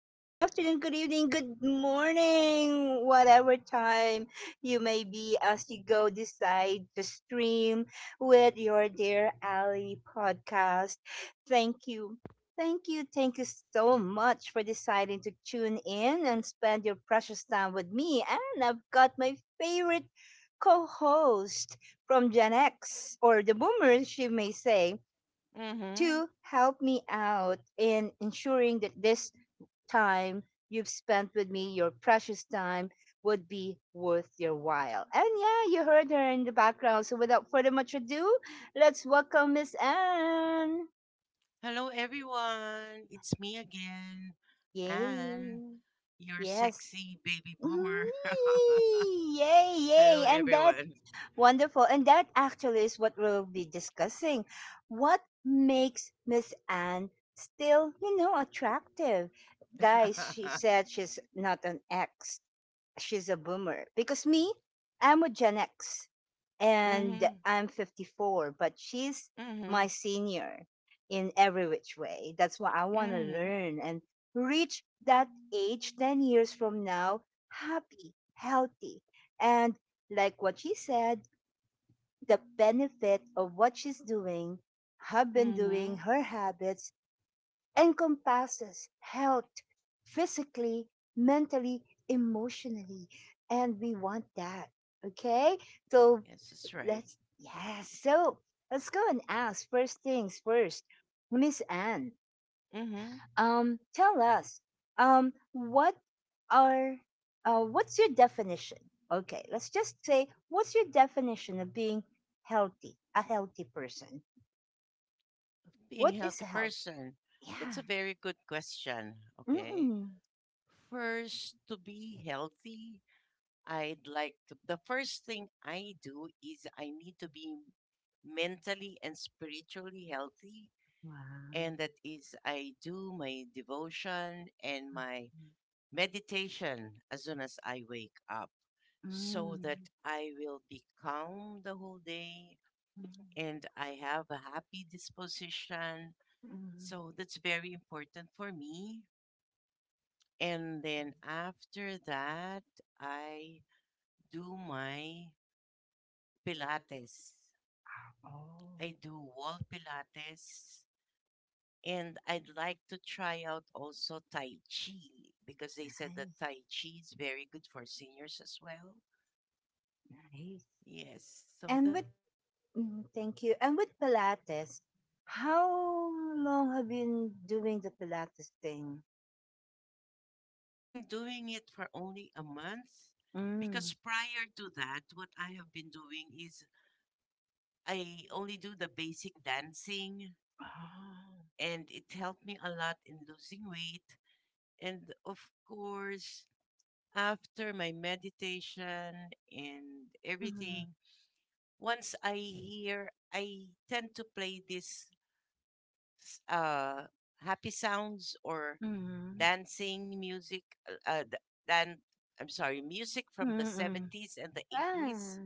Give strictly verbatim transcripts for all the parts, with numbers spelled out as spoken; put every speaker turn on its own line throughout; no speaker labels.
Good afternoon, good evening, good morning, whatever time you may be as you go decide to stream with your Dear Ali podcast. Thank you. Thank you. Thank you so much for deciding to tune in and spend your precious time with me. And I've got my favorite co host from Gen X or the boomers, she may say
Mm-hmm.
to help me out in ensuring that this time you've spent with me, your precious time, would be worth your while. And yeah, you heard her in the background. So without further much ado, let's welcome Miss Anne.
Hello, everyone. It's me again, and
Yay.
your
Yes.
sexy baby
Mm,
boomer.
Yay,
Hello,
yay. And that
everyone.
Wonderful. And that actually is what we'll be discussing. What makes Miss Anne still, you know, attractive? Guys, she said she's not an ex, she's a boomer. Because me, I'm a Gen X and
mm-hmm.
I'm fifty-four, but she's
Mm-hmm.
my senior in every which way. That's why I want to
Mm-hmm.
learn and reach that age ten years from now, happy, healthy, and like what she said, the benefit of what she's doing, have been doing,
Mm-hmm.
her habits, encompasses health physically, mentally, emotionally. And we want that. Okay? So
Yes, that's right.
let's, yes. So let's go and ask first things first. Miss Anne,
Mm-hmm.
um, tell us. Um, what are uh, what's your definition? Okay, let's just say what's your definition of being healthy? A healthy person.
Being
What
a
is
healthy
healthy?
person.
Yeah.
That's a very good question. Okay.
Mm-mm.
First, to be healthy, I'd like to, the first thing I do is I need to be mentally and spiritually healthy.
Wow.
And that is, I do my devotion and my meditation as soon as I wake up so that
Mm.
I will be calm the whole day
Mm.
and I have a happy disposition.
Mm.
So that's very important for me. And then after that, I do my Pilates.
Oh,
I do wall Pilates, and I'd like to try out also Tai Chi because they said that
nice,
Tai Chi is very good for seniors as well.
nice.
Yes, so
And with
that's what I
mm,
do.
Thank you. And
Mhm.
with Pilates, how long have you been doing the Pilates thing?
I've been doing it for only a month because
Mm.
prior to that, what I have been doing is I only do the basic dancing,
Oh.
and it helped me a lot in losing weight. And of course, after my meditation and
Mhm,
everything, once I hear, I tend to play this s- uh, happy sounds or
mhm,
dancing music. Uh, uh, th- dan- I'm sorry, music from the
mm.
seventies and the
Ah,
eighties,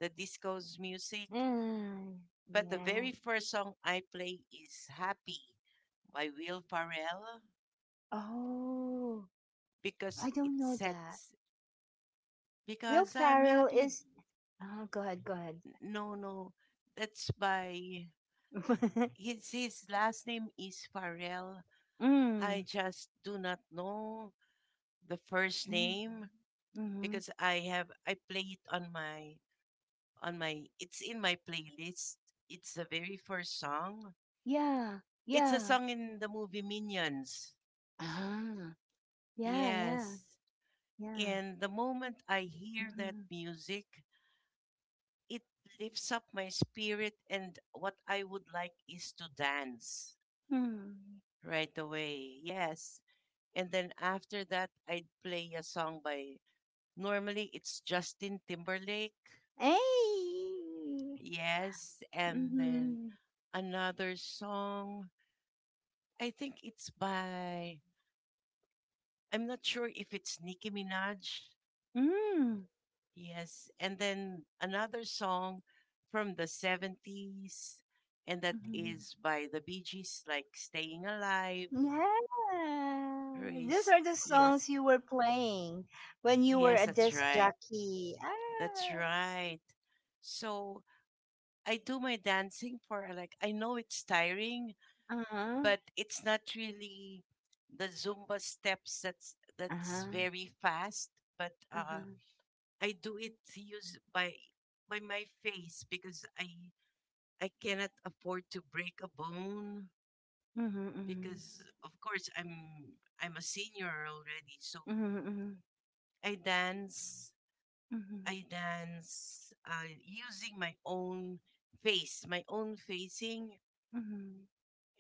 the disco's music.
ah,
But the
yeah.
very first song I play is Happy by Will Farrell
Oh,
because
I
it
don't know that.
says,
Will
because I'm
Ferrell
happy.
is. Oh, go ahead, go ahead.
No, no. That's by his his last name is Farrell. I
mm,
just do not know the first
mm,
name
mm.
because I have I play it on my on my it's in my playlist. It's the very first song.
Yeah,
It's a
yeah.
song in the movie Minions.
Ah, yeah, yeah,
Yes.
yeah.
And the moment I hear that
Mm-hmm.
music, it lifts up my spirit and what I would like is to dance
Mm.
right away. Yes. And then after that, I'd play a song by, normally it's Justin Timberlake.
Hey.
Yes. And then
Mm-hmm.
another song, I think it's by, I'm not sure if it's Nicki Minaj.
Mm.
Yes. And then another song from the seventies, and that
Mm-hmm.
is by the Bee Gees, like Staying Alive.
Yeah, these
Race.
are the
Yes.
songs you were playing when you were
Yes,
a
that's
disc
right.
jockey.
That's
Ah,
right. So I do my dancing for uh, like I know it's tiring,
uh-huh,
but it's not really the Zumba steps that's that's
uh-huh,
very fast. But uh,
uh-huh.
I do it use by by my face because I I cannot afford to break a bone
Mm-hmm, mm-hmm,
because of course I'm I'm a senior already, so
mm-hmm,
I dance
mm-hmm,
I dance uh, using my own face, my own facing
mm-hmm, mm-hmm,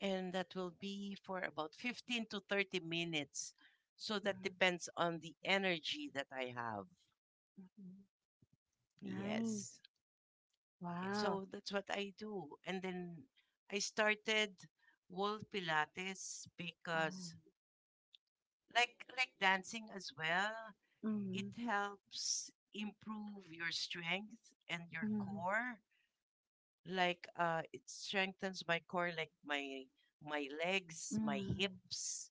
and that will be for about fifteen to thirty minutes. So that
mm-hmm.
depends on the energy that I have.
mm-hmm. Nice.
Yes.
Wow.
So that's what I do. And then I started wall pilates because like like dancing as well, it
Mm-hmm,
helps improve your strength and your
mm-hmm,
core. Like uh it strengthens my core like my my legs, my
mm-hmm,
hips,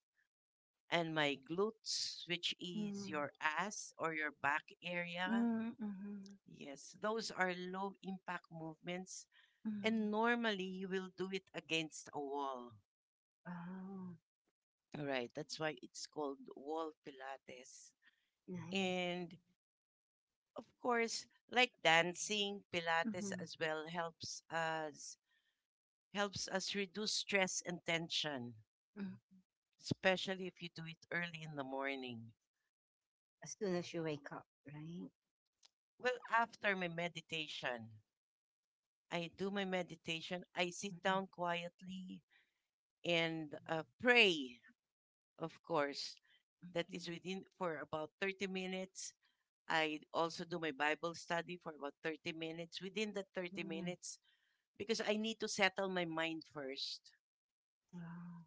and my glutes, which is
mm-hmm,
your ass or your back area.
mm-hmm. mm-hmm,
Yes, those are low impact movements,
mm-hmm.
and normally you will do it against a wall.
Wow.
All right, that's why it's called wall Pilates.
Nice.
And of course, like dancing, Pilates
Mm-hmm.
as well helps us helps us reduce stress and tension,
mm-hmm.
especially if you do it early in the morning.
As soon as you wake up, right?
Well, after my meditation, I do my meditation. I sit
Mm-hmm.
down quietly and uh, pray, of course. That
Mm-hmm.
is within for about thirty minutes. I also do my Bible study for about thirty minutes. Within the thirty
mm-hmm.
minutes, because I need to settle my mind first.
Wow.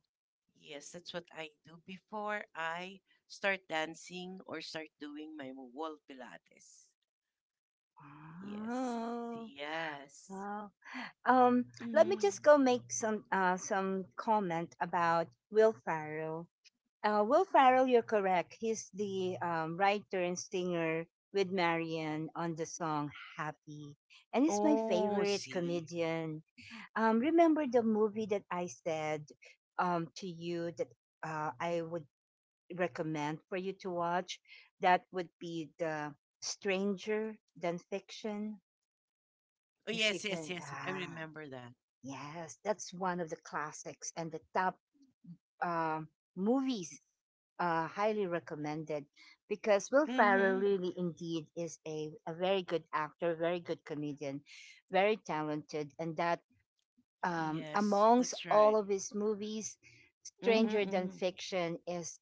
Yes, that's what I do before I start dancing or start doing my wall Pilates. Yes,
Wow.
yes.
Wow. Um, Let me
Mm.
just go make some uh, some comment about Will Farrell. Uh, Will Farrell, you're correct. He's the um, writer and singer with Marion on the song Happy. And he's my
Oh,
favorite
see.
comedian. Um, remember the movie that I said um, to you that uh, I would recommend for you to watch? That would be The Stranger Than Fiction
Oh,
if you
yes, yes,
can,
yes. I
ah,
remember that.
yes, That's one of the classics and the top um, movies uh, highly recommended because Will Ferrell
Mm-hmm.
really indeed is a, a very good actor, very good comedian, very talented, and that um,
Yes,
amongst
that's
all
right.
of his movies, Stranger
Mm-hmm.
Than
Mm-hmm.
Fiction is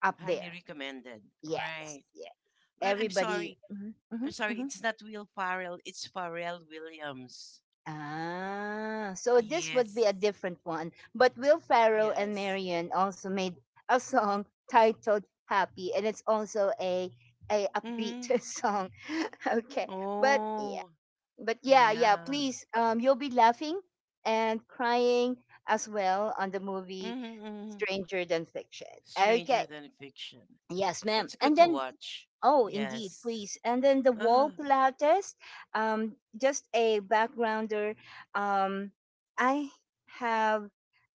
up
Highly
there.
recommended.
Yes,
Right.
yeah.
Well, I'm
Everybody.
sorry.
Mhm, mhm,
I'm sorry.
mhm.
It's not Will Farrell. It's Pharrell Williams.
Ah, so this would be a
Yes.
different one. But Will Farrell and
Yes.
Marion also made a song titled Happy, and it's also a a upbeat
Mm-hmm.
song. okay, but yeah,
Oh.
but yeah, yeah.
Yeah.
Please, um, you'll be laughing and crying as well on the movie
Mm-hmm. Mm-hmm.
Stranger Than Fiction. Okay,
Stranger Than Fiction.
yes, ma'am.
That's
And
good to
then
watch.
oh, indeed,
Yes.
please. And then the wall
Uh,
Pilates, um, just a backgrounder. Um, I have,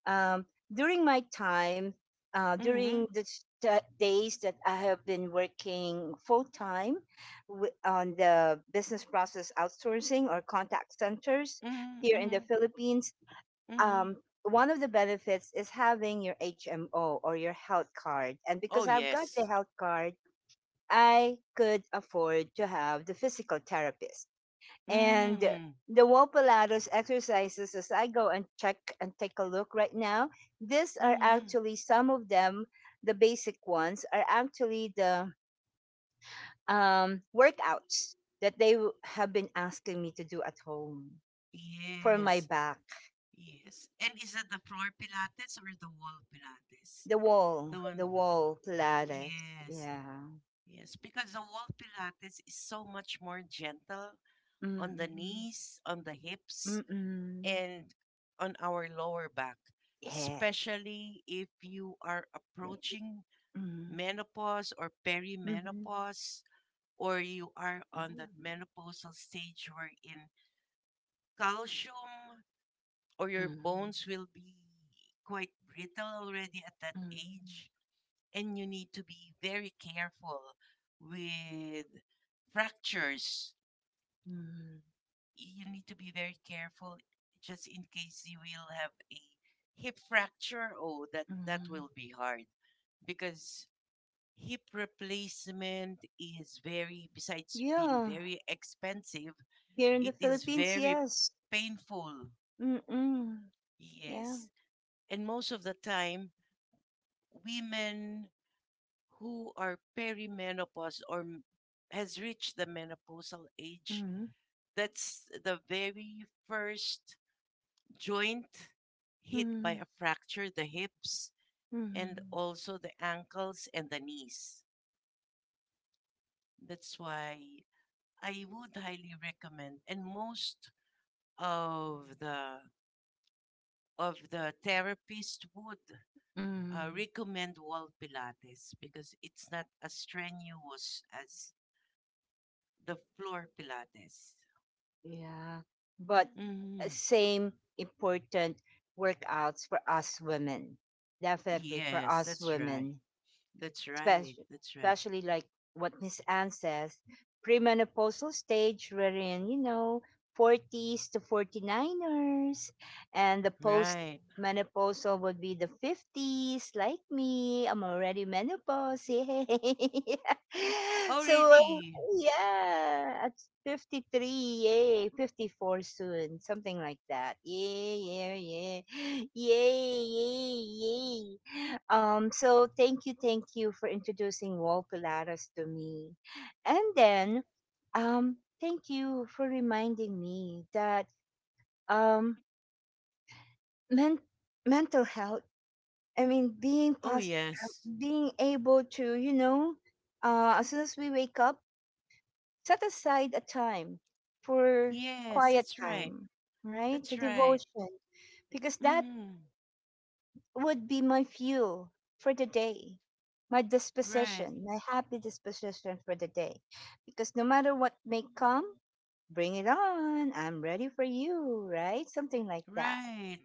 um, during my time, uh, during
Mm-hmm.
the s- the days that I have been working full time wi- on the business process outsourcing or contact centers
Mm-hmm.
here in the
Mm-hmm.
Philippines,
Mm-hmm.
um, one of the benefits is having your H M O or your health card. And because
Oh,
I've got the
yes.
health card, I could afford to have the physical therapist. And
Mm-hmm.
the Wopalatos exercises, as I go and check and take a look right now, these are
Mm-hmm.
actually some of them, the basic ones, are actually the um, workouts that they w- have been asking me to do at home for my
Yes,
back.
yes. And is it the floor Pilates or the wall Pilates?
The wall,
The one,
the wall Pilates.
yes,
Yeah.
yes. Because the wall Pilates is so much more gentle on the
Mm-mm.
knees, on the hips,
Mm-mm.
and on our lower back,
Yeah.
especially if you are approaching
Mm-hmm.
menopause or
Mm-hmm.
perimenopause, or you are on that
Mm-hmm.
menopausal stage wherein calcium or your bones
Mm-hmm.
will be quite brittle already at that
Mm,
age, and you need to be very careful with fractures.
mm,
You need to be very careful just in case you will have a hip fracture. Oh, that that
mm.
will be hard because hip replacement, is very besides being
Yeah,
very expensive,
here in
it
the
is
Philippines,
very
yes.
painful.
Mm-mm. Yeah.
Yes. And most of the time women who are perimenopause or m- has reached the menopausal age,
Mm,
that's the very first joint hit by a
mm,
fracture, the hips, and
mm,
also the ankles and the knees. That's why I would highly recommend, and most of the of the therapists would uh,
mm.
recommend wall pilates because it's not as strenuous as the floor Pilates.
Yeah. But uh,
Mm-hmm.
same important workouts for us women. Definitely for
Yes,
us
that's right.
women.
That's right.
Especially,
That's right.
especially like what Miss Anne says, premenopausal stage wherein, you know, forties to forty niners, and the post
Right.
menopausal would be the fifties like me. I'm already menopause Yay.
Oh,
So
really?
yeah at fifty-three, yay, fifty-four soon, something like that. Yeah, yeah, yeah. Yay, yay, yay. Um, so thank you, thank you for introducing Wall Pilates to me. And then um thank you for reminding me that um men- mental health, I mean being
Oh,
pos-
yes.
being able to, you know, uh, as soon as we wake up, set aside a time for
Yes,
quiet
that's right.
time, right? The
That's right.
devotion, because that
Mm-hmm.
would be my fuel for the day, my
Right.
disposition, my happy disposition for the day. Because no matter what may come, bring it on. I'm ready for you, right? Something like that.
Right.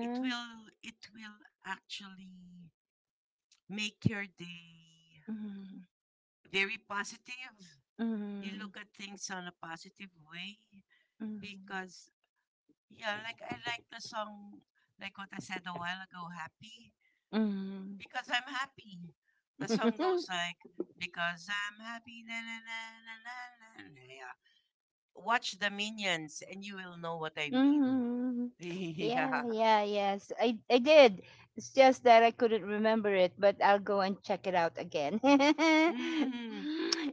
It will it will actually make your day
Mm-hmm.
very positive. You
Mm-hmm.
look at things on a positive way
Mm-hmm.
because yeah, like I like the song like what I said a while ago, happy.
Mm-hmm.
Because I'm happy. The song goes like, because I'm happy. Na, na, na, na, na, na, na. Yeah. Watch the minions and you will know what I mean.
Mm-hmm. Yeah,
yeah.
yeah, yes. I I did. It's just that I couldn't remember it, but I'll go and check it out again.
Hmm.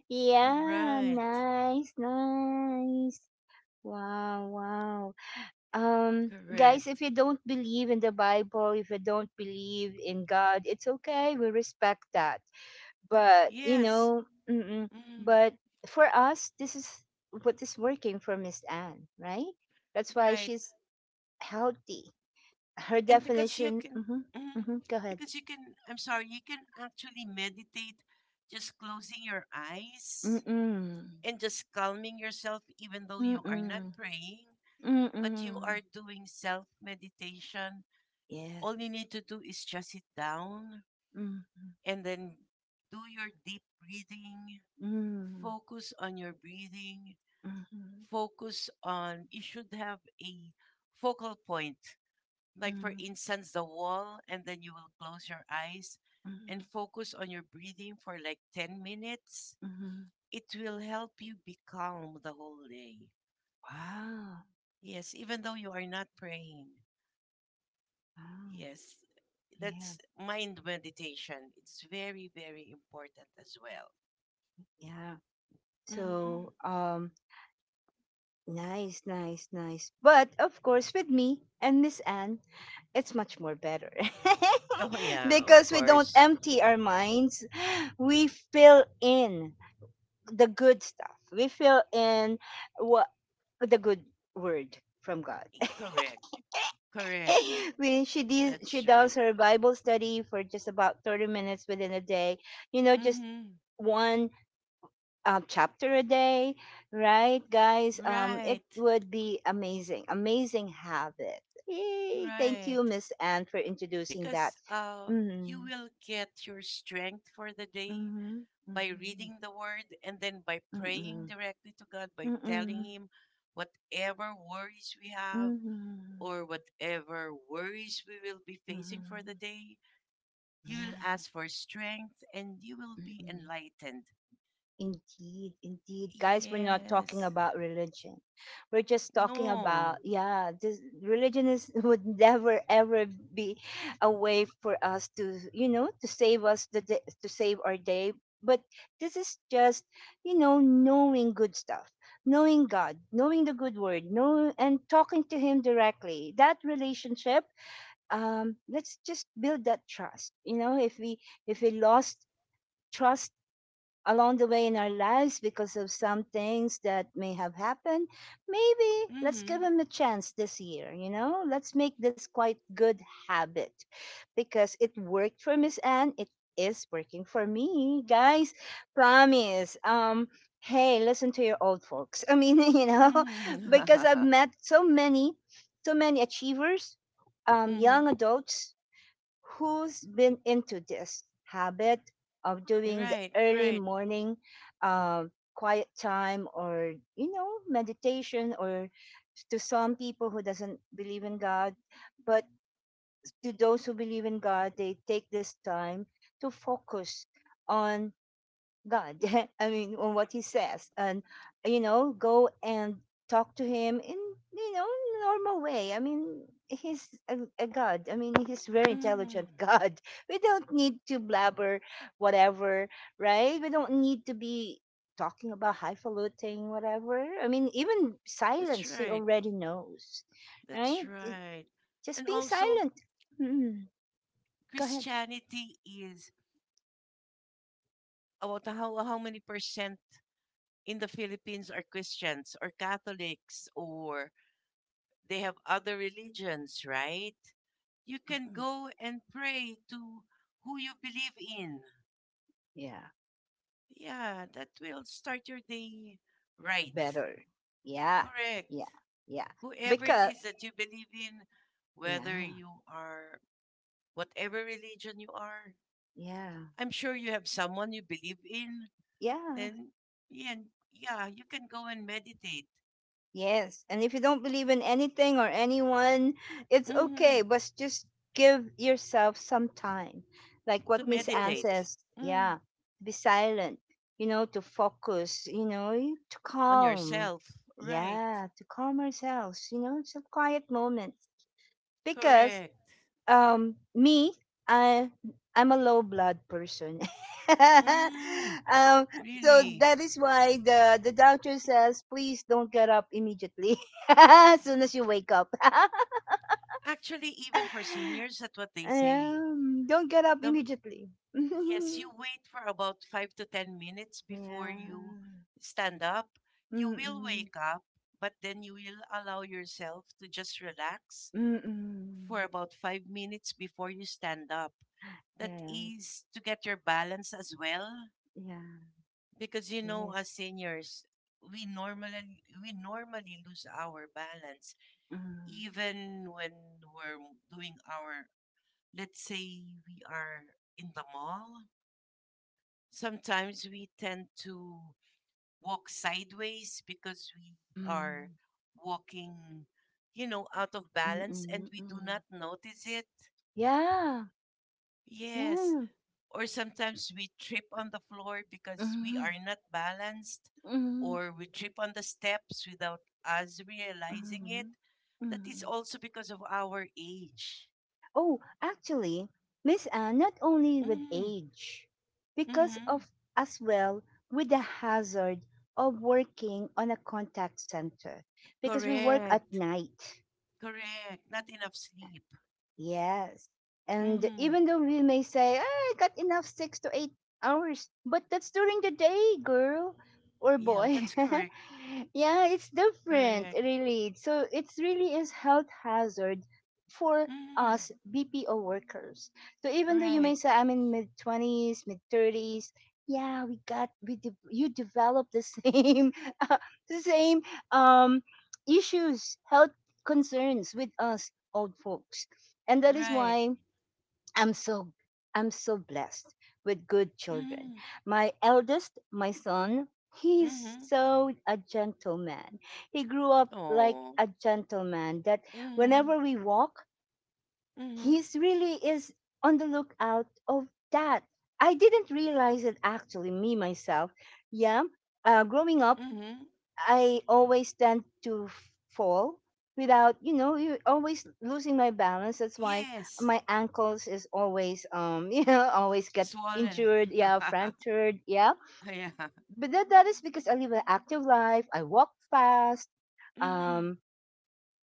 yeah,
Right.
nice, nice. Wow, wow. Um guys, if
Correct.
you don't believe in the Bible, if you don't believe in God, it's okay. We respect that. But, you
Yes.
know, mm-mm.
Mm,
But for us, this is what is working for Miss Anne, right? That's why
right.
she's healthy. Her
And because you
definition.
can,
Mm-hmm,
mm,
mm-hmm, go ahead.
because you can, I'm sorry, you can actually meditate just closing your eyes
Mm-mm.
and just calming yourself even though you are not
Mm-mm.
praying but you are
Mm-mm.
doing self meditation, all
Yes.
you need to do is just sit down
Mm.
and then do your deep breathing,
Mm.
focus on your breathing,
Mm-hmm.
focus on, you should have a focal point, like for
Mm.
instance, the wall, and then you will close your eyes
Mm-hmm.
and focus on your breathing for like ten minutes.
Mm-hmm.
It will help you be calm the whole day.
Wow.
Yes, even though you are not praying.
Wow.
Yes, that's
Yes.
mind meditation. It's very, very important as well.
Yeah.
Hmm.
So, um, nice, nice, nice. But of course, with me and Miss Anne, it's much more better
Oh, yeah, of
because we don't
course.
empty our minds. We fill in the good stuff. We fill in what the good word from God.
Correct, correct.
we, she does she
That's
does
right.
her Bible study for just about thirty minutes within a day. You know, just
Hmm.
one um, chapter a day, right, guys? Um, it
Right,
would be amazing, amazing habit. Yay! Thank you,
right.
Miss Anne, for introducing that.
Because uh, you
Mm-hmm,
will get your strength for the day
mm-hmm,
by reading the word and then by praying
mm-hmm,
directly to God, by
mm-hmm,
telling
mm-hmm,
Him whatever worries we have
mm-hmm,
or whatever worries we will be facing for the
mm-hmm.
day. You will
Yeah.
ask for strength and you will be
Mm-mm.
enlightened.
Indeed, indeed. Guys, we're not talking
Yes.
about religion. We're just talking
No.
about, yeah, this religion is would never ever be a way for us to, you know, to save us the day, to save our day. But this is just, you know, knowing good stuff, knowing God, knowing the good word, know and talking to him directly. That relationship, um, let's just build that trust. You know, if we if we lost trust along the way in our lives because of some things that may have happened. Maybe let's give
Mm-hmm.
him a chance this year, you know? Let's make this quite good habit because it worked for Miss Anne. It is working for me, guys. Promise. Um, hey, listen to your old folks. I mean, you know, because I've
Mm-hmm.
met so many, so many achievers, um,
mm-hmm.
young adults who's been into this habit of doing the
Right,
early
right.
morning uh, quiet time or you know meditation or to some people who doesn't believe in god but to those who believe in god they take this time to focus on God. I mean, on what he says, and you know, go and talk to him in you know normal way. I mean, he's a, a God. I mean, he's very intelligent
Mm.
God. We don't need to blabber whatever, right? We don't need to be talking about highfalutin whatever. I mean, even
That's
silence he
right.
already knows,
That's
right? It-
right.
just
And
being
also,
silent. Mm, go ahead.
Christianity is about how, how many percent in the Philippines are Christians or Catholics or they have other religions, right? You can
Mhm.
go and pray to who you believe in.
Yeah.
Yeah, that will start your day right.
Better. Yeah,
Correct.
yeah, yeah.
Whoever it
Because,
is that you believe in, whether
yeah,
you are whatever religion you are,
yeah,
I'm sure you have someone you believe in,
yeah,
then yeah, yeah you can go and meditate.
yes. And if you don't believe in anything or anyone, it's
Hmm.
okay, but just give yourself some time. Like
To
what Miss Anne
meditate,
says,
mm,
yeah, be silent, you know, to focus, you know, y- to
on
calm.
yourself. Right.
Yeah, to calm ourselves, you know, some quiet moments. Because
Correct.
um me I I'm a low blood person
Mm,
um so
really.
that is why the the doctor says please don't get up immediately as soon as you wake up
Actually, even for seniors, that's what they say.
um, don't get up
The
immediately
yes, you wait for about five to ten minutes before you
yeah.
stand up. You will
Mm-mm.
wake up, but then you will allow yourself to just relax for
Mm-mm.
about five minutes before you stand up. That
Yes.
is to get your balance as well.
Yeah.
Because you know,
Yes.
as seniors, we normally we normally lose our balance
Mm.
even when we're doing our, let's say we are in the mall, sometimes we tend to walk sideways because we are
Mm.
walking, you know, out of balance and
Mm-mm.
we do
Mm-mm.
not notice it.
Yeah.
Yes.
Yeah.
Or sometimes we trip on the floor because we are
Mm.
not balanced,
Mm.
or we trip on the steps without us realizing it.
Mhm.
That is
Mhm.
also because of our age.
Oh, actually, Miss Anne, not only with
Mm,
age, because
mm-hmm.
of as well with the hazard of working on a contact center, because we work at
Correct.
night.
Correct. Not enough sleep.
Yes. And
Mm-hmm.
even though we may say, "Ah, I got enough six to eight hours, but that's during the day, girl or
Yeah,
boy.
that's correct.
yeah, it's different,
Correct.
really. So it's really is health hazard for
Mm.
us B P O workers. So even though you may
Right.
say I'm in mid twenties, mid thirties, yeah, we got we de- you develop the same the same um issues, health concerns with us old folks. And that is
Right.
why i'm so i'm so blessed with good children.
Mm.
My eldest, my son, he's
Mm-hmm.
so a gentleman. He grew up like
Oh.
a gentleman that
Mm-hmm.
whenever we walk,
Mm-hmm.
he's really is on the lookout of that. I didn't realize it, actually, me myself, yeah, uh, growing up
Mm-hmm.
I always tend to f- fall without, you know, you always losing my balance. That's why
Yes.
my ankles is always, um, you know, always get
Swollen.
injured, yeah, fractured, yeah.
yeah.
But that, that is because I live an active life. I walk fast.
Mm-hmm.
Um,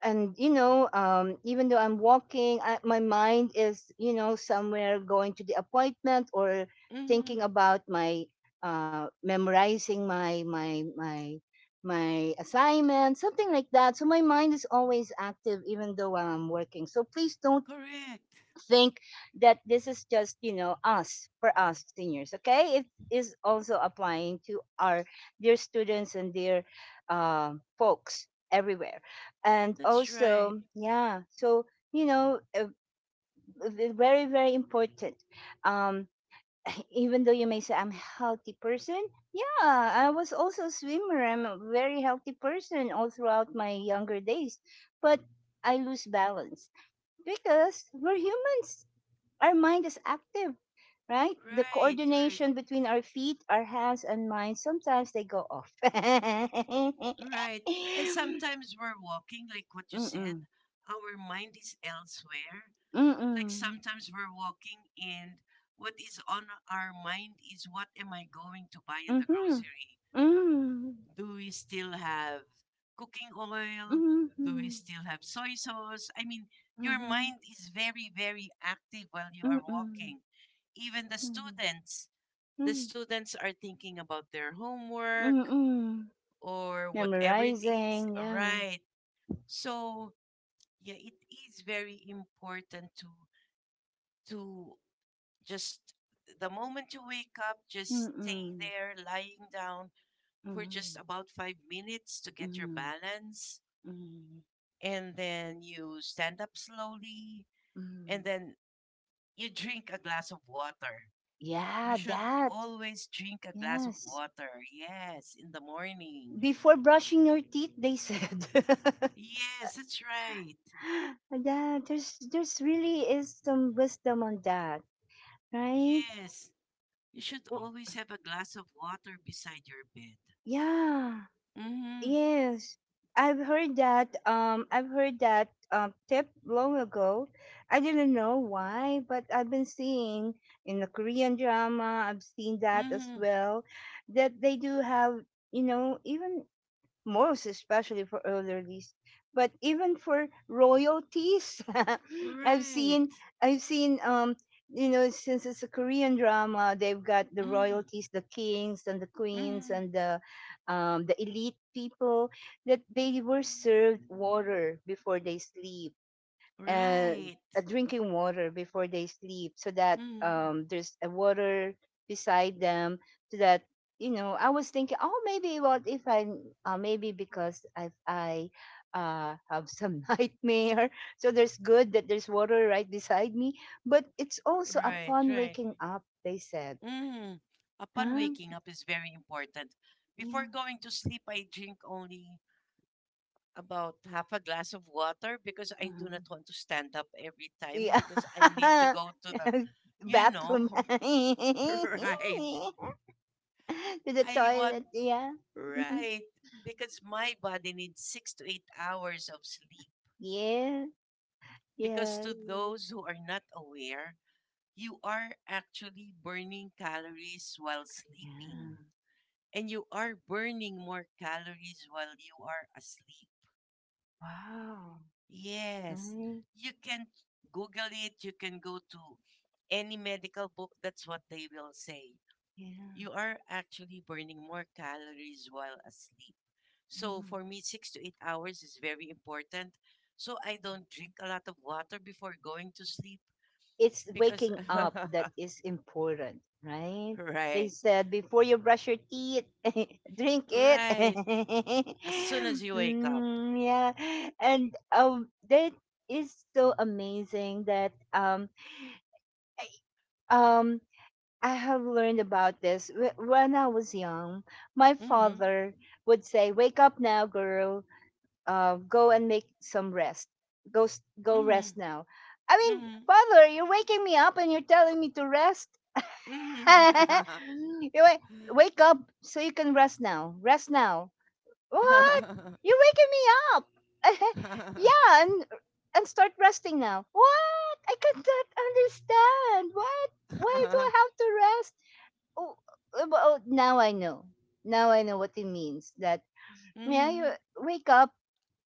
and you know um even though I'm walking, I, my mind is you know somewhere, going to the appointment, or thinking
Mm-hmm.
about my uh memorizing my my my my assignment, something like that. So my mind is always active even though I'm working. So please don't
Correct.
think that this is just, you know, us for us seniors, okay? It is also applying to our dear students and dear uh, folks everywhere. And
That's right.
also, yeah, so, you know, uh, v- very, very important. Um, Even though you may say I'm a healthy person, yeah, I was also a swimmer. I'm a very healthy person all throughout my younger days, but I lose balance because we're humans, our mind is active, right? The
Right. Right.
coordination between our feet, our hands, and mind sometimes they go off.
Right. And sometimes we're walking, like what you said,
Mm-mm.
our mind is elsewhere. Like
Mm-mm.
sometimes we're walking and what is on our mind is what am I going to buy in the
Mm-hmm.
grocery?
Mm-hmm.
Do we still have cooking oil? Do we
Mm-hmm.
still have soy sauce? I mean, your
Mm-hmm.
mind is very, very active while you are
Mm-mm.
walking. Even the
Mm-mm.
students, the students are thinking about their homework
Mm-mm.
or whatever it is,
Memorizing, yeah.
right? So, yeah, it is very important to to just the moment you wake up, just stay
Mm-mm.
there lying down for just
Mm-hmm.
about five minutes to get your
Mm-hmm.
balance
Mm-hmm.
and then you stand up slowly
Mm-hmm.
and then you drink a glass of water. You
Yeah,
should
that.
always drink a glass of
Yes,
water. Yes, in the morning.
before brushing your teeth, they said.
Yes, that's right.
Yeah, there's there's really is some wisdom on that, right?
Yes, you should
W-
always have a glass of water beside your bed.
Yeah,
Mhm.
yes. I've heard that um I've heard that um tip long ago. I didn't know why, but I've been seeing in the Korean drama, I've seen that as
Mhm.
well, that they do have, you know, even most especially for elderlies, but even for royalties. I've seen,
Right.
I've seen, um, you know, since it's a Korean drama, they've got the
Mhm.
royalties, the kings and the queens
Mhm.
and the, um, the elite people, that they were served water before they sleep, uh,
Right.
uh, drinking water before they sleep so that
Mhm.
um, there's a water beside them, so that you know I was thinking, oh maybe, what if I uh, maybe because i i uh, have some nightmare, so there's good that there's water right beside me, but it's also
Right,
upon
right.
waking up, they said.
Mm. Upon waking
Huh.
up is very important. Before
Yeah.
going to sleep, I drink only about half a glass of water because I do not
Uh-huh.
want to stand up every time because I need to
Yeah.
go to the, you
Bathroom.
know, right.
To the
I want,
toilet, yeah.
right. Because my body needs six to eight hours of sleep.
Yes,
Because to
yes.
those who are not aware, you are actually burning calories while
Yeah.
sleeping. And you are burning more calories while you are asleep.
Wow.
Yes,
Right?
you can Google it, you can go to any medical book, that's what they will say.
Yeah.
You are actually burning more calories while asleep. So
Mm.
for me, six to eight hours is very important. So I don't drink a lot of water before going to sleep
It's
because,
waking up that is important, right? They
right,
said before you brush your teeth, drink it.
right, as soon as you wake up.
Mm, yeah, and um, that is so amazing that um um I have learned about this Wh- when I was young. My
Mm-hmm,
father would say, "Wake up now, girl." Uh, go and make some rest. Go, s- go
mm-hmm,
rest now. I mean,
mm-hmm.
father, you're waking me up and you're telling me to rest.
Mhm.
you wa- Wake up so you can rest now. Rest now. What? You're waking me up. Yeah, and and start resting now. What? I cannot understand. What? Why do I have to rest? Oh, oh, oh, now I know. Now I know what it means. That, yeah, you
Mhm.
wake up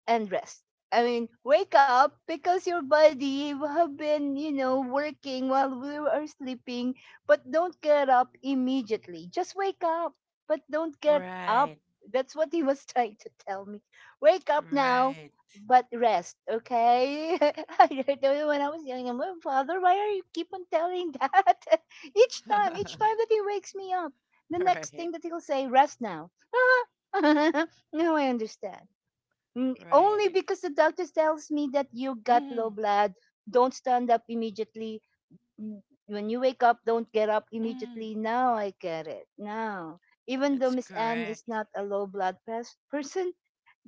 and rest. I mean, wake up because your body have been, you know, working while we are sleeping, but don't get up immediately. Just wake up, but don't get up.
Right.
That's what he was trying to tell me. Wake up now,
Right.
but rest, okay? I don't know, when I was young, I'm like, "Father, why are you keep on telling that?" each time, each time that he wakes me up, the next
right.
thing that he'll say, rest now. Now I understand. Mm, only
Right.
because the doctor tells me that you got low
Mm,
blood. Don't stand up immediately. Mm, when you wake up, don't get up
mm,
immediately. Now I get it. Now, even
that's
though Miss Anne is
correct.
not a low blood pers- person,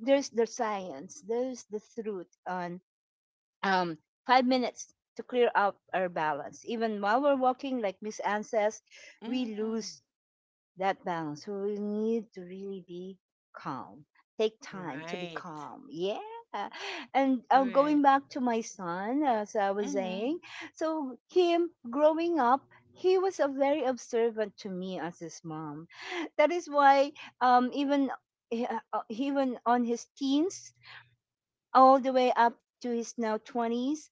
there's the science, there's the truth on um, five minutes to clear up our balance. Even while we're walking, like Miss Anne says, we
Mm,
lose that balance. So we need to really be calm. Take time to be
right.
calm. Yeah. And um,
Right.
going back to my son, as I was
Mhm.
saying, so him growing up, he was a very observant to me as his mom. That is why um, even uh, even on his teens, all the way up to his now twenties,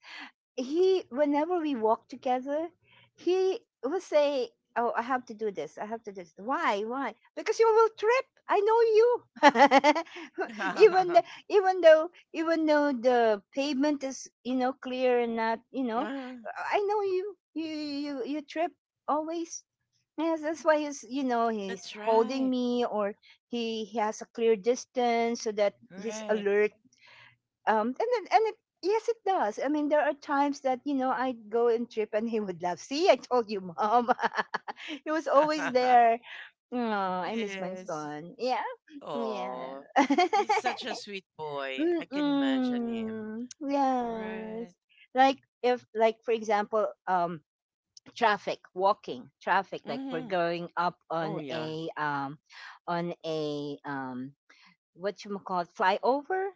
he, whenever we walked together, he would say, "Oh, I have to do this, I have to do this. Why? Why? Because you will trip, I know you." even th- even though even though the pavement is, you know clear and not, you know
Ah,
I know you, you, you, you trip always. Yes, that's why he's, you know he's
that's
holding
right.
me, or he, he has a clear distance so that he's
Right.
alert. Um, and then, and it, Yes, it does. I mean, there are times that, you know, I'd go and trip and he would laugh. "See, I told you, mom." He was always there. Oh, I miss my
yes.
son. Yeah. Yeah.
Oh, he's such a sweet boy. I can imagine him.
Mm-mm. Yes.
Right.
Like, if, like, for example, um, traffic, walking, traffic, like we're
Mhm.
going up
Oh
on
yeah.
a, um, on a, um, what you call it, flyover?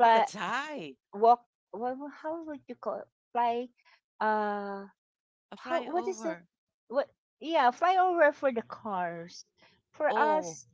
Oh, that's high.
walk, what, how would you call it, fly, uh
A
how, what is the,
flyover.
what? Yeah, flyover for the cars, for
Oh,
us,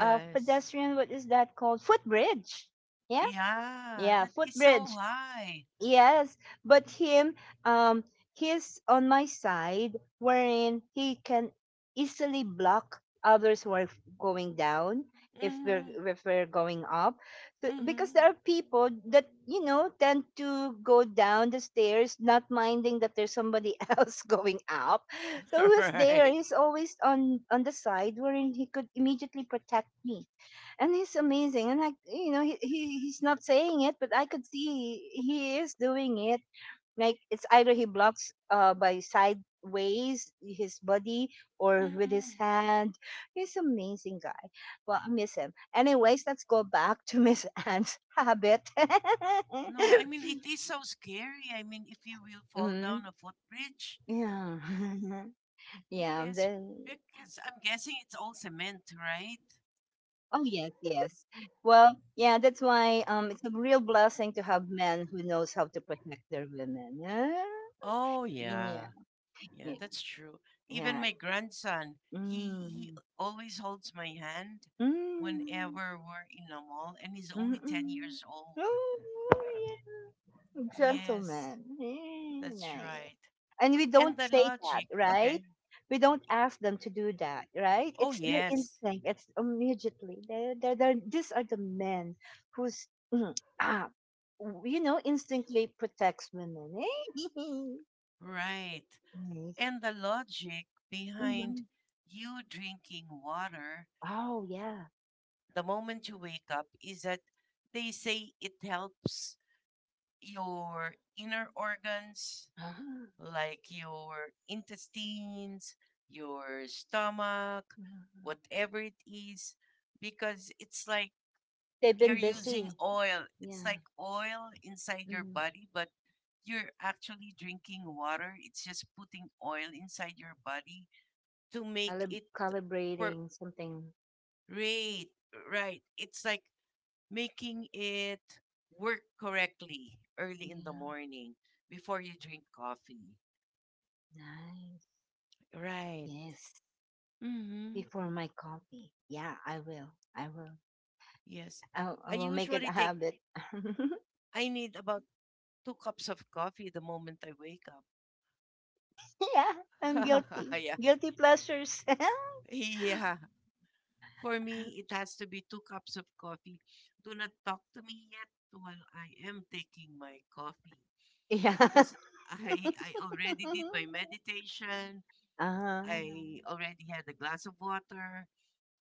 uh pedestrian, what is that called, footbridge? Yeah,
Yeah,
yeah,
that is so
footbridge.
high.
Yes, but him, um, he's on my side, wherein he can easily block others who are f- going down if we're
Mm-hmm.
if we're going up. Th- because there
Mm-hmm.
are people that, you know tend to go down the stairs, not minding that there's somebody else going up. So who's there?
right.
He's always on on the side wherein he could immediately protect me. And he's amazing, and like, you know he, he he's not saying it, but I could see he is doing it, like it's either he blocks uh by sideways his body, or with
Mm-hmm.
his hand. He's amazing guy. Well, I miss him. Anyways, let's go back to Miss Anne's habit.
No, I mean, it is so scary. I mean, if you will fall
Mhm.
down a footbridge.
Yeah. Yeah,
Yes,
the,
because I'm guessing it's all cement, right?
oh yes, yes. Well, yeah, that's why um it's a real blessing to have men who knows how to protect their women. Yeah.
Oh,
Yeah.
yeah. Yeah,
Yeah.
that's true. Even
Yeah.
my grandson, he he
Mm.
always holds my hand
Mm.
whenever we're in a mall, and he's only ten
Mm-mm.
years old.
Oh, yeah.
Yes,
Gentleman. Yeah,
that's
nice.
right.
And we
And
don't
the
say that,
logic,
right?
okay.
We don't ask them to do that, right?
Oh,
It's their
yes,
instinct, it's immediately, they're, they're, they're these are the men who's, mm, ah, w- you know instinctively protects women. Eh?
right.
Nice.
And the logic behind
Mhm.
you drinking water
Oh yeah.
the moment you wake up is that they say it helps your inner organs
uh
like your intestines, your stomach,
Mhm.
whatever it is, because it's like
They've
you're
been
using
busy.
oil. It's
Yeah.
like oil inside your
Hmm.
body, but you're actually drinking water. It's just putting oil inside your body to make
Calib-
it per-
calibrating something.
rate, right. It's like making it work correctly early in the
Yeah.
morning before you drink coffee.
Nice.
Right.
Yes,
Hmm.
before my coffee, yeah, i will i will
Yes.
I, I
I
will make it a
usually take,
habit.
I need about two cups of coffee the moment I wake
Yeah, I'm
up.
guilty.
yeah.
Guilty pleasures.
Yeah. For me, it has to be two cups of coffee. Do not talk to me yet while I am taking my coffee
Yeah.
because I I already did my meditation.
uh,
I Mm. already had a glass of water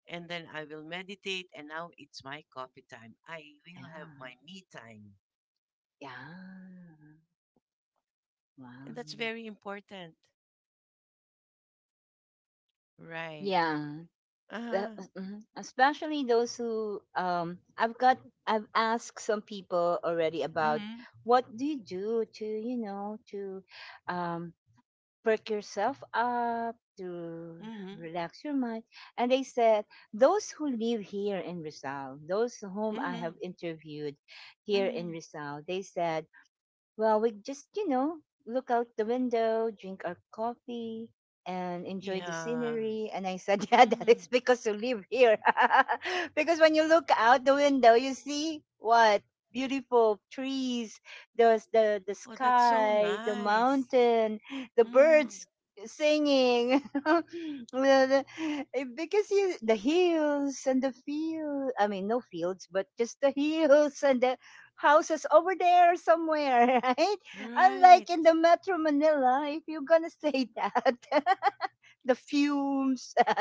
and then I will meditate, and now it's my coffee time. I
yeah.
will have my me time.
Yeah.
And that's
Wow.
very important. Right.
Yeah. That,
Uh-huh.
mhm. Especially those who um I've got I've asked some people already about
Mm.
what do you do to, you know to um perk yourself up, to
Mhm.
relax your mind. And they said, those who live here in Rizal, those whom
Mm. Mhm.
I
Mm.
have interviewed
Mhm.
here
Mm.
in
Mhm.
Rizal, they said, well, we just, you know, look out the window, drink our coffee, and enjoy the
Yeah.
scenery. And I said,
Mm.
yeah, that
Mhm.
is because you live here. Because when you look out the window, you see what? Beautiful trees, the, the, the
Oh, that's so
sky, the
nice.
mountain, the
Mm.
birds singing, the- the- eh, because you, the hills and the field, I mean, no fields, but just the hills and the houses over there somewhere, right?
Right.
Unlike in the Metro Manila, if you're gonna say that, the fumes.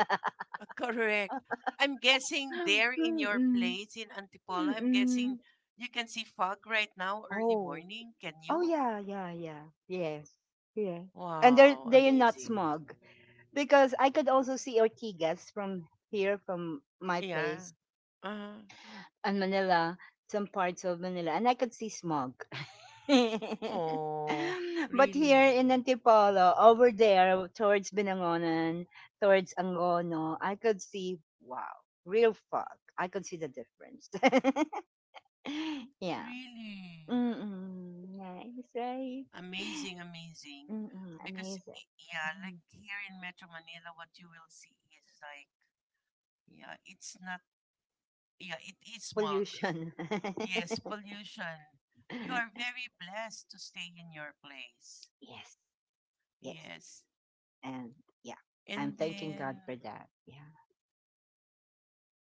Uh, correct. I'm guessing there in your
Mm-mm.
place in Antipolo, I'm guessing
Mm-mm.
you can see fog right now, early
Oh,
morning. Can
oh
you?
yeah, yeah, yeah, yes, yeah. And they're
Wow,
they're not
amazing.
smog, because I could also see Ortigas from here, from my
Yeah.
place,
Uh-huh.
and Manila, some parts of Manila, and I could see smog.
Oh,
But here in
really?
Antipolo, over there towards Binangonan, towards Angono, I could see, wow, real fog. I could see the difference. Yeah.
Really?
Mm-mm. Nice, right?
Amazing, amazing.
Mm-mm.
Because,
Amazing.
y- yeah, like
Mhm.
here in Metro Manila, what you will see is like, yeah, it's not, yeah, it is smog.
Pollution.
Yes, pollution. You are very blessed to stay in your place.
Yes. Yes.
Yes.
And yeah, I'm
And
thanking
then,
God for that. Yeah.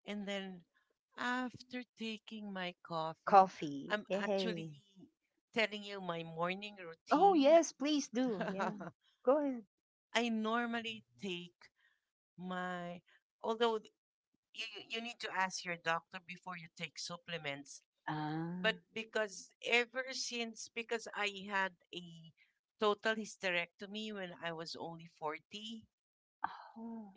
and then after taking my coffee,
Coffee.
I'm actually
Yay.
telling you my morning
Oh
routine.
yes, please do. Yeah. Go.
I normally take my, although you you you need to ask your doctor before you take supplements. But
Ah.
because ever since because I had a total hysterectomy when I was only forty,
Oh.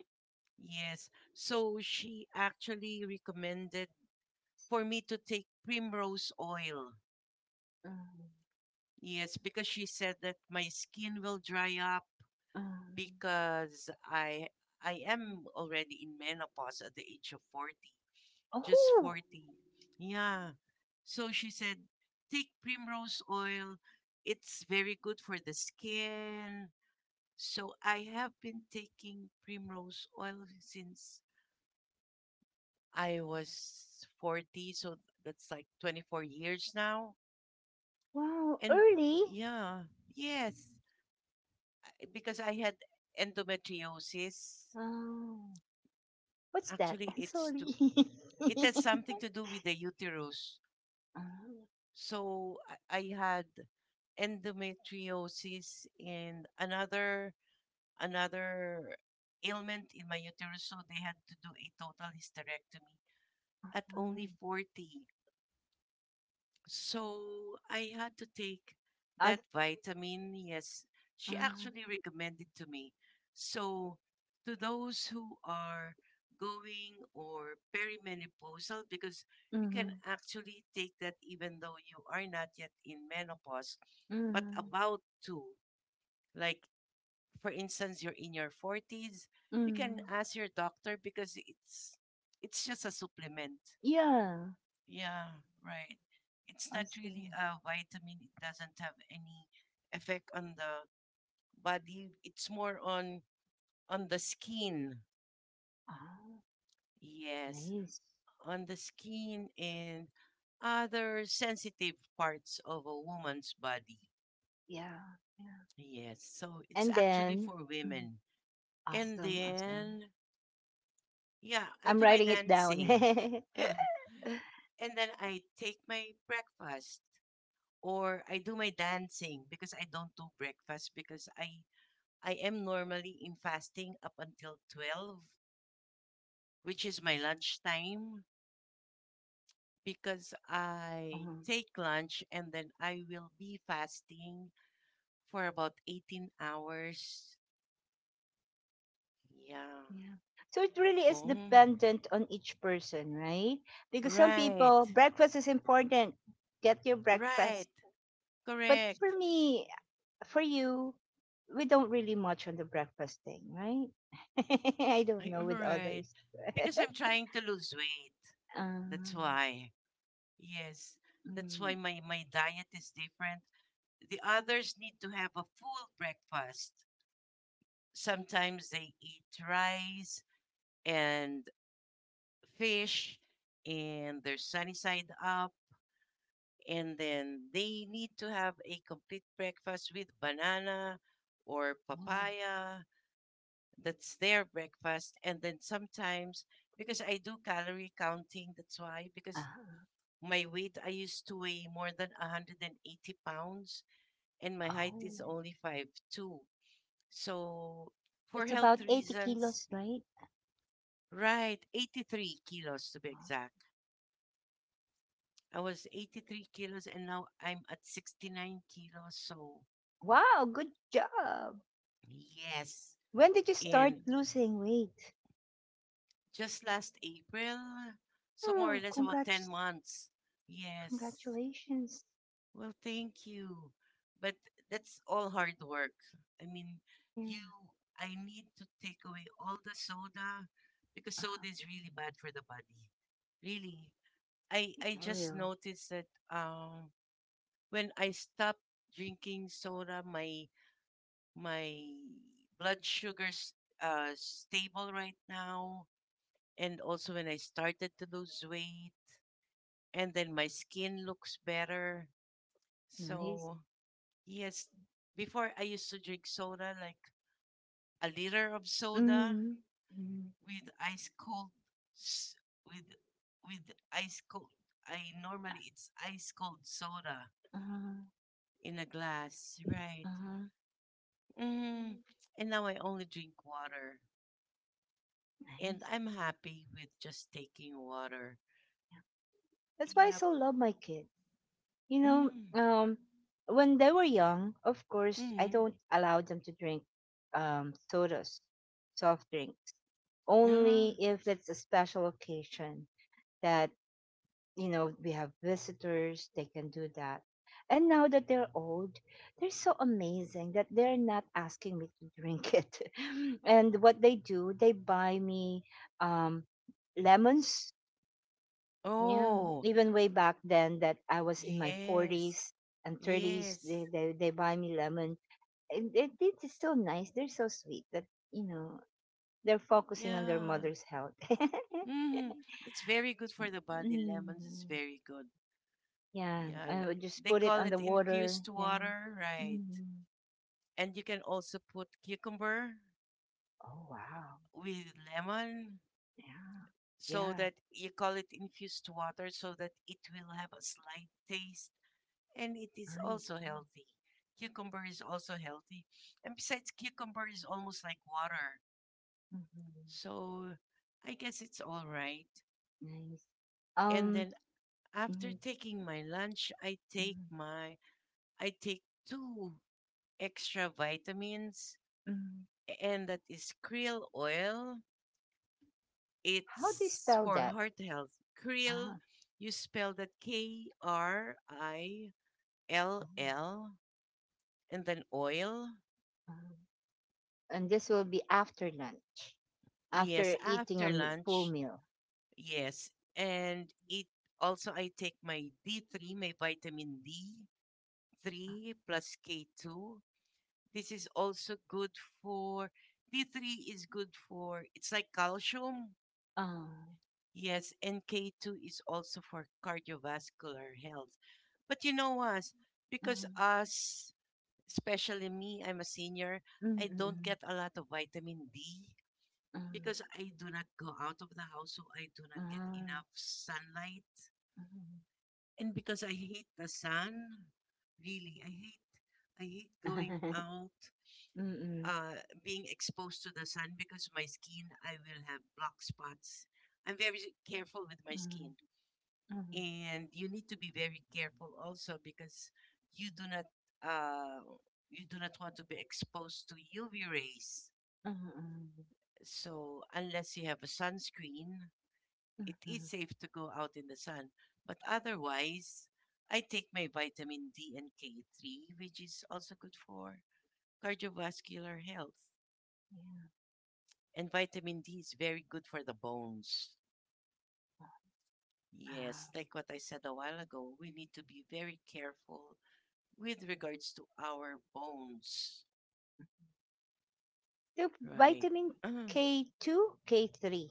yes. So she actually recommended for me to take primrose oil.
um,
Yes, because she said that my skin will dry up
mm.
because I I am already in menopause at the age of forty. Just
Oh,
forty. Yeah. So she said, take primrose oil. It's very good for the skin. So I have been taking primrose oil since I was forty. So that's like twenty-four years now.
wow,
And
early.
yeah, yes, because I had endometriosis.
Oh, what's that?
Actually, it's
Sorry.
to, it has something to do with the uterus.
Ah,
So I I had endometriosis and another another ailment in my uterus. So they had to do a total hysterectomy at
mm,
only forty. So I had to take
I,
that vitamin. Yes, she
ah,
actually recommended to me. So to those who are going or perimenopausal, because you can
mm,
actually take that even though you are not yet in menopause, but
mm,
about to. Like, for instance, you're in your forties, you can
mm.
ask your doctor because it's it's just a supplement.
Yeah,
Yeah, right. It's
I
not
see.
really a vitamin. It doesn't have any effect on the body. It's more on on the skin.
Ah,
Yes,
nice.
on the skin and other sensitive parts of a woman's body.
Yeah, yeah.
Yes, so it's
And
actually
then,
for
mm,
women. And
awesome, awesome.
then, yeah, I
I'm
do my
writing it down.
dancing. and then I take my breakfast. Or I do my dancing because I don't do breakfast because I I am normally in fasting up until twelve, which is my lunch time because I
Mhm.
take lunch and then I will be fasting for about eighteen hours. Yeah.
Yeah. So it really is
Oh,
dependent on each person, right? Because some people,
right,
breakfast is important. Get your
right,
breakfast. But for
correct.
me, for you, we don't really much on the breakfast thing, right? I don't
I-
know with
right,
others.
because I'm trying to lose weight, that's
um,
why. Yes, that's why
mm,
my my diet is different. The others need to have a full breakfast. Sometimes they eat rice and fish and they're sunny side up. And then they need to have a complete breakfast with banana or
uh,
papaya. That's their breakfast. And then sometimes, because I do calorie counting, that's why,
uh,
because my weight, I used to weigh more than one hundred eighty pounds, and my height is
oh,
only five two. So for
that's
health
about eighty
reasons,
kilos, right?
right, eighty-three kilos to be exact. I was eighty-three kilos and now I'm at sixty-nine kilos. So
Wow, good job.
yes.
When did you start
And
losing weight?
just last April, so more or
Oh,
less about ten
congrats.
months. Yes.
Congratulations.
Well, thank you. But that's all hard work. I mean,
Yeah.
you, I need to take away all the soda because
Oh,
soda is really bad for the body. Really. I
in
I just
oil.
noticed that um when I stopped drinking soda, my my blood sugars uh stable right now, and also when I started to lose weight, and then my skin looks better.
Nice.
So yes, before I used to drink soda, like a liter of soda
Mm. Mm.
with ice cold, s- with with ice cold. I normally it's ice cold soda
Uh-huh.
in a glass, right?
Uh-huh.
Hmm. And now I only drink water, and
Nice.
I'm happy with just taking water.
Yeah. That's why I
Yep.
so love my kids. You know,
Mm.
um, when they were young, of course, I
Hmm.
don't allow them to drink um, sodas, soft drinks,
Uh-huh.
only if it's a special occasion that, you know, we have visitors, they can do that. And now that they're old, they're so amazing that they're not asking me to drink it. And what they do, they buy me um, lemons. Yeah,
Oh,
even way back then that I was in my
yes,
forties and thirties,
yes,
they, they, they buy me lemon. And it, it's so nice. They're so sweet that, you know, they're focusing on their
yeah.
mother's health.
Hmm. That's very good for the body. Lemons is
Mm.
very good.
Yeah,
Yeah,
I
th-
would just
they
put it
call
on the
it
water,
infused
yeah.
water, right?
Mhm.
And you can also put cucumber
Oh, wow.
with lemon.
Yeah.
So
Yeah,
that you call it infused water so that it will have a slight taste and it is
nice.
also healthy. Cucumber is also healthy. And besides, cucumber is almost like water.
Mhm.
So I guess it's all right.
Nice.
And
Um,
then after
mhm,
taking my lunch, I take
mhm,
my, I take two extra vitamins,
mhm.
and that is krill oil.
How do you
It's
spell
for
that?
heart health. Krill,
Ah,
you spell that K R I L
ah,
L and then oil.
ah. And this will be after lunch,
Yes,
after eating a
after
me- full
lunch.
meal.
Yes. And it, also I take my D three, my vitamin D three plus K two. This is also good for D three is good for, it's like calcium.
Ah,
Yes, and K two is also for cardiovascular health. But you know us, because
ah,
us, especially me, I'm a senior,
mm,
I
mm,
don't
mm,
get a lot of vitamin D
ah,
because I do not go out of the house, so I do not get
ah,
enough sunlight.
mhm.
And because I hate the sun, really, I hate I hate going out,
Mm, mm,
uh, being exposed to the sun because my skin, I will have black spots. I'm very careful with my
mm,
skin.
mm,
And you need to be very careful also because you do not, uh, you do not want to be exposed to U V rays.
mm, mm,
So unless you have a sunscreen, it
mm.
is safe to go out in the sun. But otherwise, I take my vitamin D and K three, which is also good for cardiovascular health.
Mm.
And vitamin D is very good for the bones.
Ah,
Yes, like what I said a while ago, we need to be very careful with regards to our bones,
the
right?
vitamin
Uh,
K two, K three,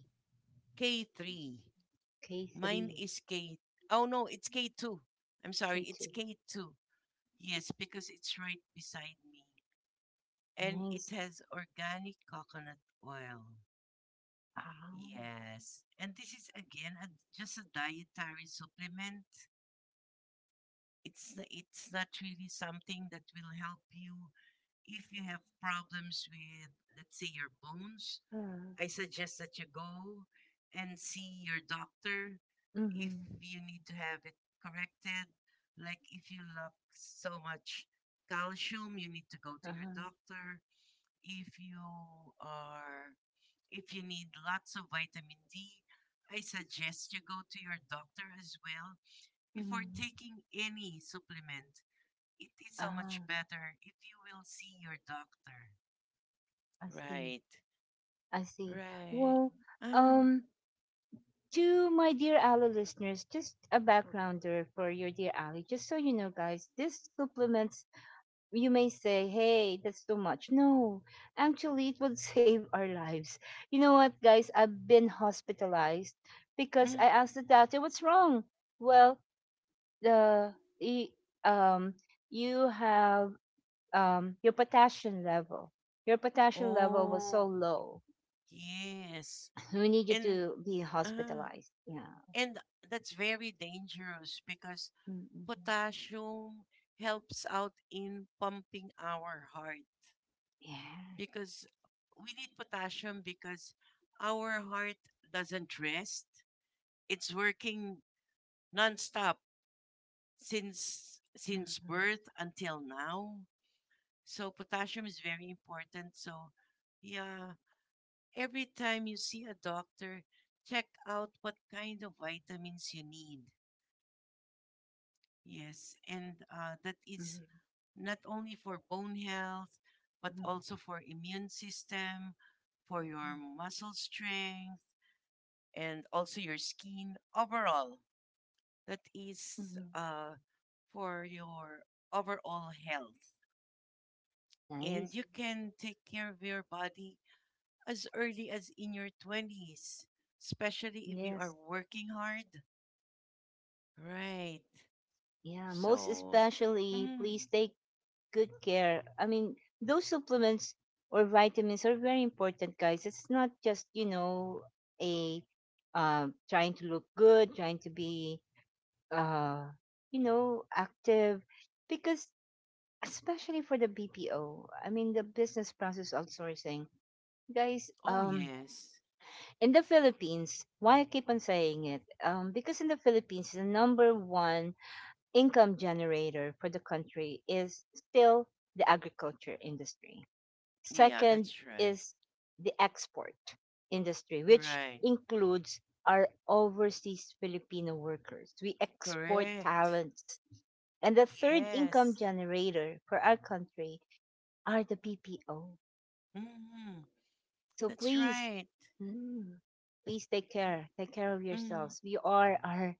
K three. Mine
K three,
is K. Oh no, it's K two. I'm sorry, it's
K two.
K two. Yes, because it's right beside me. And it
Nice.
has organic coconut oil.
Ah,
Yes. And this is again a, just a dietary supplement. It's n- it's not really something that will help you if you have problems with, let's say, your bones.
uh,
I suggest that you go and see your doctor if
mm-hmm,
you need to have it corrected. Like if you lack so much calcium, you need to go to your
uh-huh,
doctor. If you are, if you need lots of vitamin D, I suggest you go to your doctor as well before
mm-hmm.
taking any supplement. It is so much
Ah,
better if you will see your doctor.
I see.
Right,
I see.
right.
Well,
Ah,
um, to my dear Ali listeners, just a backgrounder for your dear Ali, just so you know, guys, this supplement, you may say, hey, that's too much. No, actually, it would save our lives. You know what, guys? I've been hospitalized because
mm.
I asked the doctor, what's wrong? Well, the y- um, you have um, your potassium level. Your potassium level was so
Oh,
low.
yes.
We need you
And
to be
uh,
hospitalized. Yeah.
and that's very dangerous because
Mm-mm.
potassium helps out in pumping our heart
Yeah.
because we need potassium because our heart doesn't rest. It's working nonstop since since
Mm-hmm.
birth until now. So potassium is very important. So yeah, every time you see a doctor, check out what kind of vitamins you need. Yes, and uh, that is
Mm-hmm.
not only for bone health, but
Mm-hmm.
also for immune system, for your muscle strength, and also your skin overall. That is
Mm-hmm. Mm-hmm.
uh, for your overall health. And
Nice.
you can take care of your body as early as in your twenties, especially if you are
Yes.
working hard. Right.
Yeah, most
So,
especially,
mm,
please take good care. I mean, those supplements or vitamins are very important, guys. It's not just, you know, a uh, trying to look good, trying to be, uh, you know, active, because especially for the B P O, I mean, the business process outsourcing, guys,
oh
um,
yes.
in the Philippines, why I keep on saying it, um, because in the Philippines, the number one income generator for the country is still the agriculture industry.
Yeah,
Second
that's right.
is the export industry, which
Right.
includes our overseas Filipino workers. We export
Correct.
talents. And the third income
Yes.
generator for our country are the B P O.
Mm-hmm.
So
That's
please,
right.
mm, please take care. Take care of
Mm.
yourselves. We are our,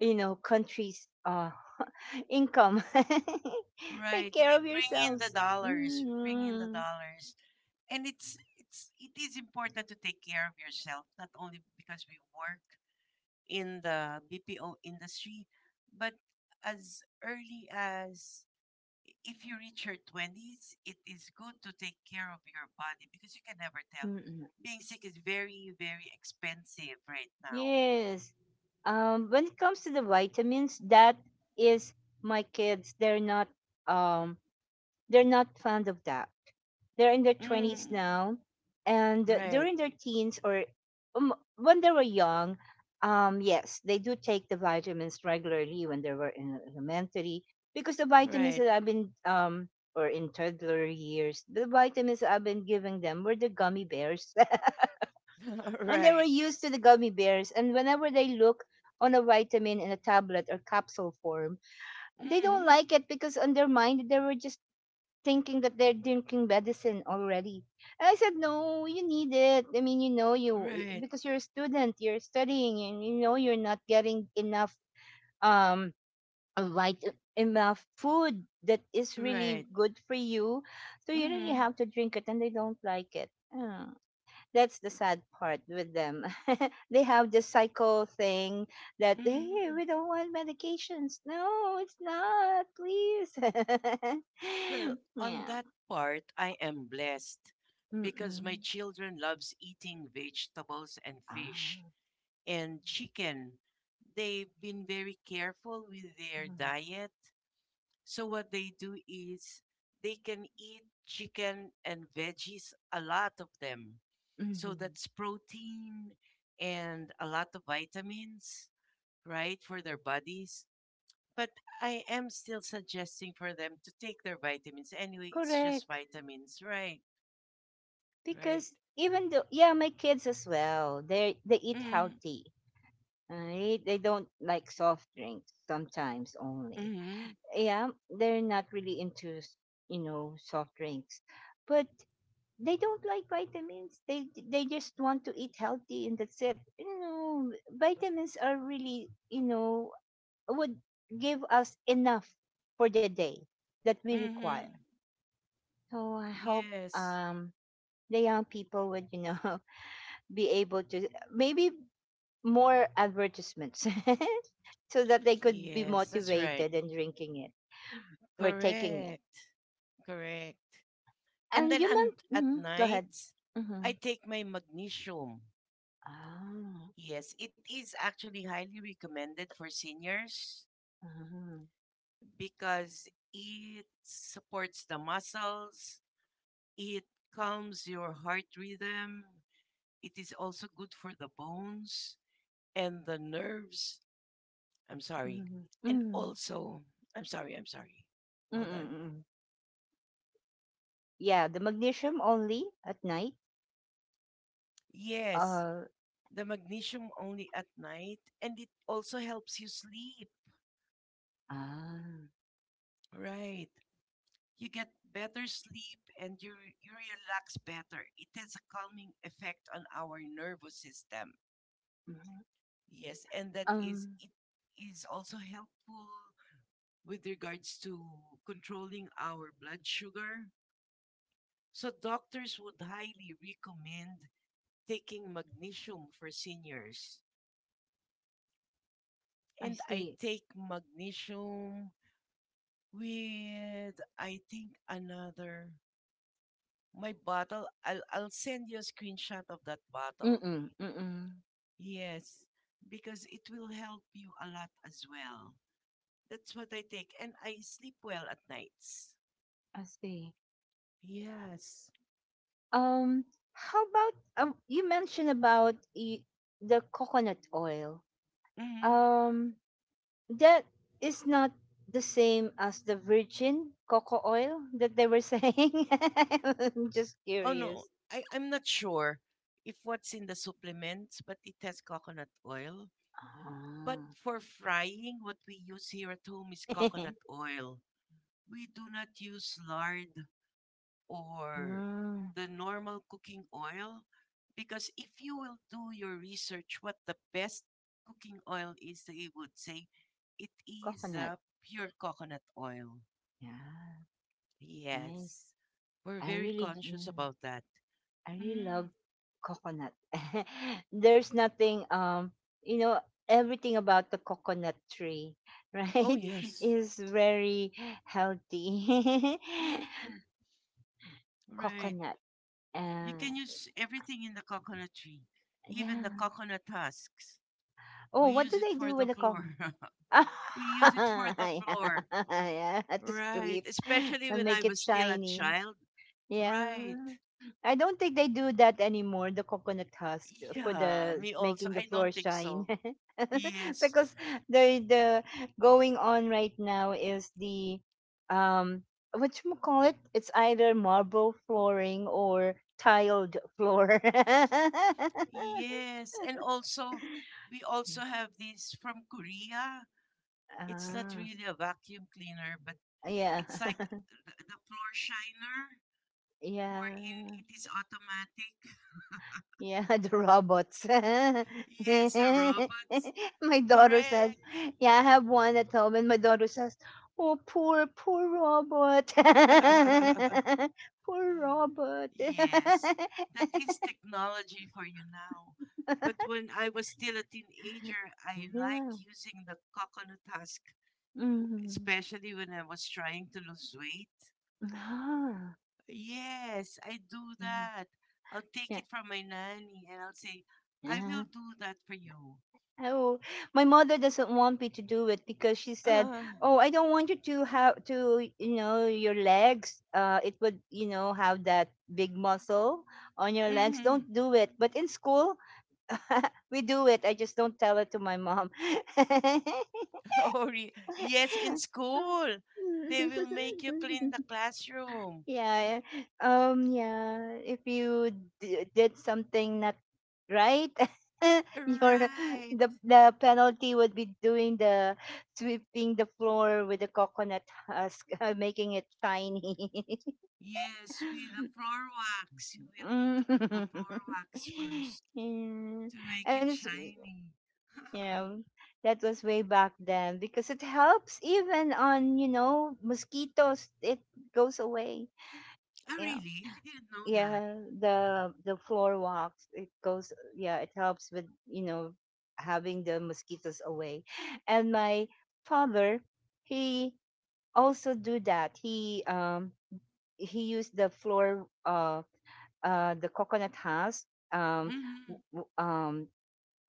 you know countries, uh income, take
Right.
care
We
of
bring in the
yourselves.
dollars. We bring in the
Mm.
dollars. And it's it's it is important to take care of yourself, not only because we work in the B P O industry, but as early as if you reach your twenties, it is good to take care of your body because you can never tell.
Mm.
Being sick is very, very expensive right now.
Yes, um when it comes to the vitamins, that is, my kids, they're not, um they're not fond of that. They're in their twenties
Mm,
now. And
right,
during their teens or um, when they were young, um, yes, they do take the vitamins regularly when they were in elementary, because the vitamins
right,
that I've been, um, or in toddler years, the vitamins that I've been giving them were the gummy bears. And they were
right.
used to the gummy bears. And whenever they look on a vitamin in a tablet or capsule form, they don't
Mm,
like it because on their mind they were just thinking that they're drinking medicine already. And I said, no, you need it. I mean, you know, you eh,
right,
because you're a student, you're studying, and you know you're not getting enough um a light eh, enough food that is really
right.
good for you. So you really
Mm,
have to drink it, and they don't like it. Ah, that's the sad part with them. They have this psycho thing that, hey,
mm.
we don't want medications. No, it's not. Please.
Well, on
Yeah.
that part, I am blessed because my
Mm.
children loves eating vegetables and fish
Ah.
and chicken. They've been very careful with their diet. So what they do is they can eat chicken and veggies, a lot of them. So
Mhm.
that's protein and a lot of vitamins, right, for their bodies. But I am still suggesting for them to take their vitamins. Anyway, it's just
Correct.
vitamins, right? Right.
Because even though, yeah, my kids as well, they they eat
Mm,
healthy, right? They don't like soft drinks, sometimes only.
mm-hmm.
Yeah, they're not really into, s- you know, soft drinks, but they don't like vitamins. They they just want to eat healthy, and that's it. You know, vitamins are really, you know, would give us enough for the day that we
Mm-hmm.
require. So I hope
Yes.
um, the young people would, you know, be able to maybe more advertisements so that they could be
Yes, that's right.
motivated in drinking it or taking it.
Correct. Correct. And
And
then
you
and
meant,
at
hmm, go ahead.
night,
Mm-hmm.
I take my magnesium.
Ah,
Yes, it is actually highly recommended for seniors
mhm,
because it supports the muscles, it calms your heart rhythm, it is also good for the bones and the nerves. I'm sorry.
mhm,
And
mhm,
also, I'm sorry, I'm sorry.
mm,
Hold on.
mm, mm. Yeah, the magnesium only at night.
Yes,
Uh,
the magnesium only at night and it also helps you sleep.
ah,
Right. You get better sleep and you, you relax better. It has a calming effect on our nervous system.
mhm.
Yes, and that is
um,
it is also helpful with regards to controlling our blood sugar. So doctors would highly recommend taking magnesium for seniors.
I
And I
see.
take magnesium with I think another my bottle I'll I'll send you a screenshot of that bottle.
Mm-mm, mm-mm,
Yes, because it will help you a lot as well. That's what I take, and I sleep well at nights.
I see.
Yes.
Um, how about um you mentioned about y- the coconut oil.
Hmm.
Um, that is not the same as the virgin cocoa oil that they were saying. I'm just
Oh no,
curious.
I I'm not sure if what's in the supplements, but it has coconut oil. But
Ah.
for frying, what we use here at home is coconut oil. We do not use lard or
Mhm.
the normal cooking oil because if you will do your research what the best cooking oil is they would say it is
Coconut.
uh, pure coconut oil.
Yeah, nice.
Yes, we're
I
very
really.
conscious
Yeah.
about that.
I really
Mm.
love coconut. There's nothing, um you know everything about the coconut tree,
Oh
right?
yes.
Is very healthy.
Mm. Right.
Coconut.
You
Uh,
can use everything in the coconut tree, even
yeah.
the coconut husks.
Oh,
We
what
use
do
it
they
for
do
the
with the
floor.
coconut?
We use it for the
Yeah,
floor.
yeah, to
Right.
sweep
Especially
and
when I
make it
was still a
shiny.
child. Right.
Yeah. I don't think they do that anymore, the coconut husk, for
Yeah,
the
me also.
making the
I
floor
don't think
shine.
so. Yes.
Because the the going on right now is the um what you call it? It's either marble flooring or tiled floor.
Yes. And also, we also have this from Korea. It's not
Ah,
really a vacuum cleaner, but
yeah.
it's like the, the floor shiner, wherein
Yeah.
it is automatic.
Yeah, the robots.
Yes, the robots.
My daughter says, yeah, I have one at home. And my daughter says, oh, poor, poor robot.
Correct.
Poor robot.
Yes, that is technology for you now. But when I was still a teenager, I like
Yeah.
using the coconut husk,
Hmm.
especially when I was trying to lose weight.
Ah,
Yes, I do
yeah.
that. I'll take
Yeah.
it from my nanny and I'll say, I will
Yeah.
do that for you.
Oh, my mother doesn't want me to do it because she said,
Uh,
"Oh, I don't want you to have to, you know, your legs. Uh, it would, you know, have that big muscle on your legs.
Mm-hmm.
Don't do it." But in school, we do it. I just don't tell it to my mom.
Oh, re- yes, in school, they will make you clean the classroom.
Yeah. Um. Yeah. If you d- did something not right, your,
Right.
the the penalty would be doing the sweeping the floor with the coconut husk, uh, making it shiny.
Yes, with the floor wax. You will need
Mm.
to put the floor wax first
Yeah.
to make
And
it
it's,
shiny.
yeah. That was way back then because it helps even on, you know mosquitoes. It goes away.
Oh,
Yeah.
really? I didn't know that.
Yeah, the the floor walks, it goes, yeah, it helps with, you know having the mosquitoes away. And my father, he also do that. He um he used the floor, uh uh the coconut husk, um
Hmm.
w- w- um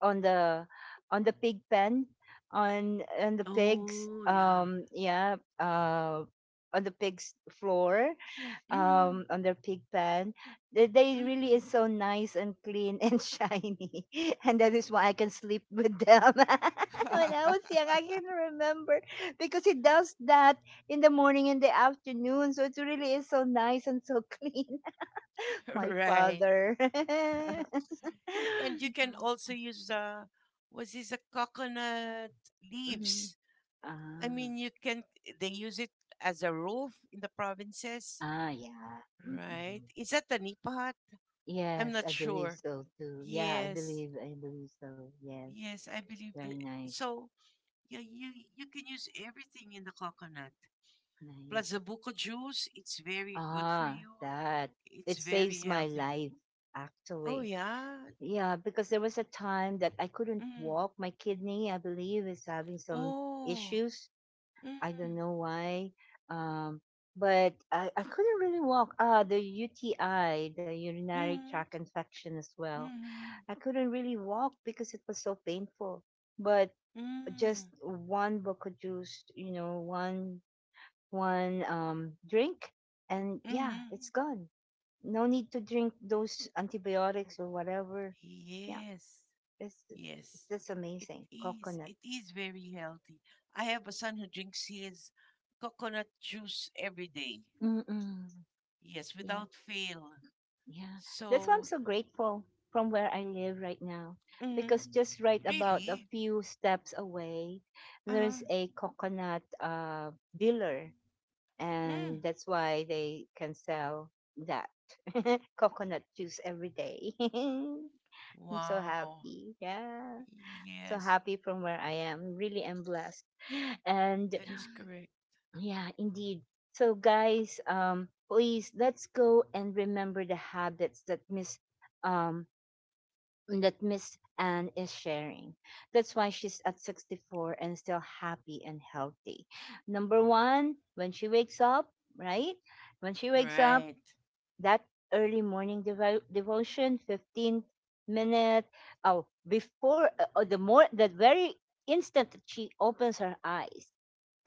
on the on the pig pen, on on the pigs,
Oh, yeah.
um yeah, uh on the pigs floor, um
Hmm.
on their pig pen. they, they really
Hmm.
is so nice and clean and shiny, and that is why I can sleep with them when I was young. I can remember because he does that in the morning and the afternoon, so it really is so nice and so clean. My
Right.
father.
And you can also use the, was this a coconut
Mhm.
leaves? I
Ah,
mean, you can they use it as a roof in the provinces,
ah, yeah.
right?
Mm-mm.
Is that the nipahat? I'm
Yes,
not
I believe
sure.
so too. Yeah, i
Yes.
believe i believe so, yes.
Yes, I believe
Very
that.
nice.
So yeah, you you can use everything in the coconut. Plus
Nice.
the buko juice, it's very good for
Ah,
you.
that.
It's
It
very
saves my
healthy.
life,
Oh
actually.
yeah.
Yeah, because there was a time that I couldn't
Mm.
walk. My kidney, I believe, is having some
Oh.
issues. I don't
Mm.
know why. Um, but I, I couldn't really walk. Ah, the U T I, the urinary
Mm.
tract infection as well.
Mm.
I couldn't really walk because it was so painful. But just
Mm.
one book of juice, you know, one one um drink, and yeah,
Mm.
it's gone. No need to drink those antibiotics or whatever. Yeah,
Yes.
it's it's
Yes.
just
It
amazing.
is.
Coconut.
It is very healthy. I have a son who drinks his coconut juice every day.
Mm-mm.
Yes,
Yeah,
without fail.
yeah. That's why I'm
So.
so grateful from where I live right now,
Mhm.
because just right about a
Really?
few steps away,
Uh-huh.
there's a coconut, uh, dealer, and
Mm.
that's why they can sell that coconut juice every day. I'm so
Wow.
happy. Yeah. So
Yes,
happy from where I am. Really am blessed. And
that is correct.
yeah, indeed. So guys, um, please, let's go and remember the habits that Miss, um that Miss Anne is sharing. That's why she's at sixty-four and still happy and healthy. Number one, when she wakes up, right? When she wakes up,
Right.
that early morning devo- devotion, fifteen minute, oh, before, uh, uh, the more, the very instant that she opens her eyes,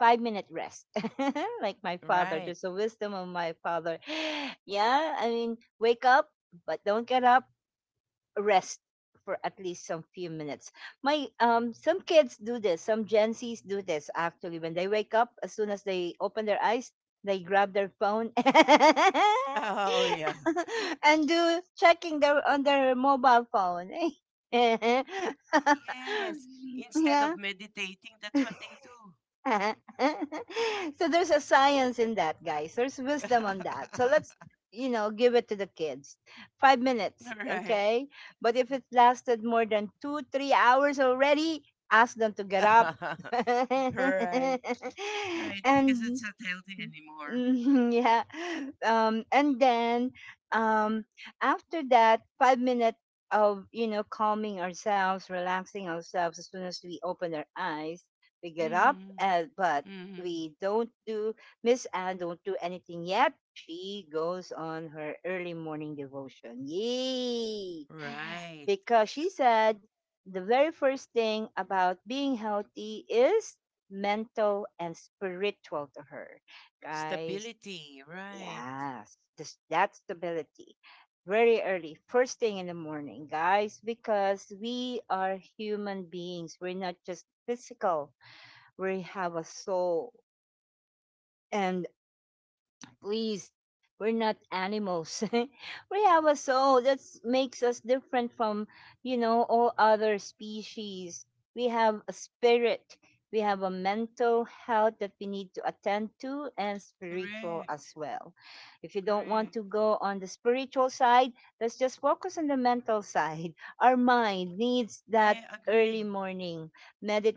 five minute rest, like my father,
Right.
just the wisdom of my father. Yeah, I mean, wake up but don't get up. Rest for at least some few minutes. My um some kids do this, some Gen Zs do this, actually. When they wake up, as soon as they open their eyes, they grab their phone
Oh yeah.
and do checking their on their mobile phone. Yeah.
Yes. Instead of meditating, that's what they do.
So there's a science in that, guys. There's wisdom on that. So let's, you know, give it to the kids. Five minutes,
Right.
okay? But if it lasted more than two, three hours already, ask them to get up.
Right. Right. Because it's
And
not healthy
mhm,
anymore.
yeah. Um, and then, um, after that five minutes of, you know calming ourselves, relaxing ourselves, as soon as we open our eyes, we get up.
Mm-hmm.
Uh, but
Mm-hmm.
we don't do Miss Anne don't do anything yet. She goes on her early morning devotion. Yay!
Right.
Because she said the very first thing about being healthy is mental and spiritual to her, guys.
Stability. Right.
Yes, this, that stability. Very early, first thing in the morning, guys, because we are human beings. We're not just physical, we have a soul. And please, we're not animals. We have a soul that makes us different from, you know, all other species. We have a spirit. We have a mental health that we need to attend to, and spiritual as
Correct.
well. If you don't want
Correct.
to go on the spiritual side, let's just focus on the mental side. Our mind needs that
I
early
agree.
morning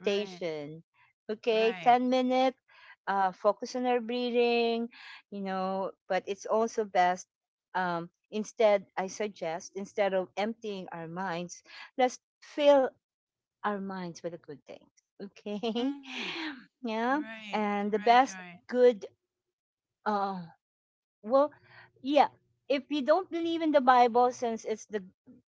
Right.
Okay,
Right.
ten minutes, uh, focus on our breathing, you know but it's also best. Um instead, I suggest, instead of emptying our minds, let's fill our minds with the good things, okay?
Mm-hmm.
Yeah.
Right,
And the
right,
best
right.
good, uh well, yeah, if you don't believe in the Bible, since it's the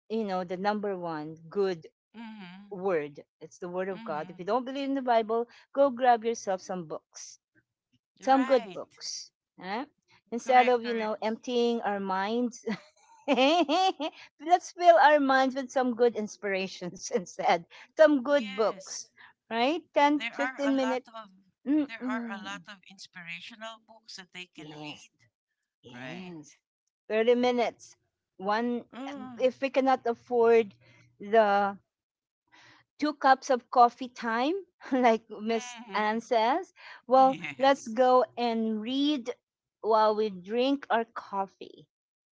you know the number one good
Mm-hmm.
word, it's the word of God.
Mm-hmm.
If you don't believe in the Bible, go grab yourself some books, some good
Right.
books. Huh? Instead
Correct,
of, you know,
correct.
emptying our minds, let's fill our minds with some good inspirations, instead. Some good books,
Yes.
right? Ten,
There are a
fifteen
lot
minutes.
of there are a
Mm-mm.
lot of inspirational books that they can
Yes,
read. Right.
yes. thirty minutes. One,
Mm-hmm.
if we cannot afford the two cups of coffee time, like Miss Anne says. Well, let's
Yes.
go and read while we drink our coffee.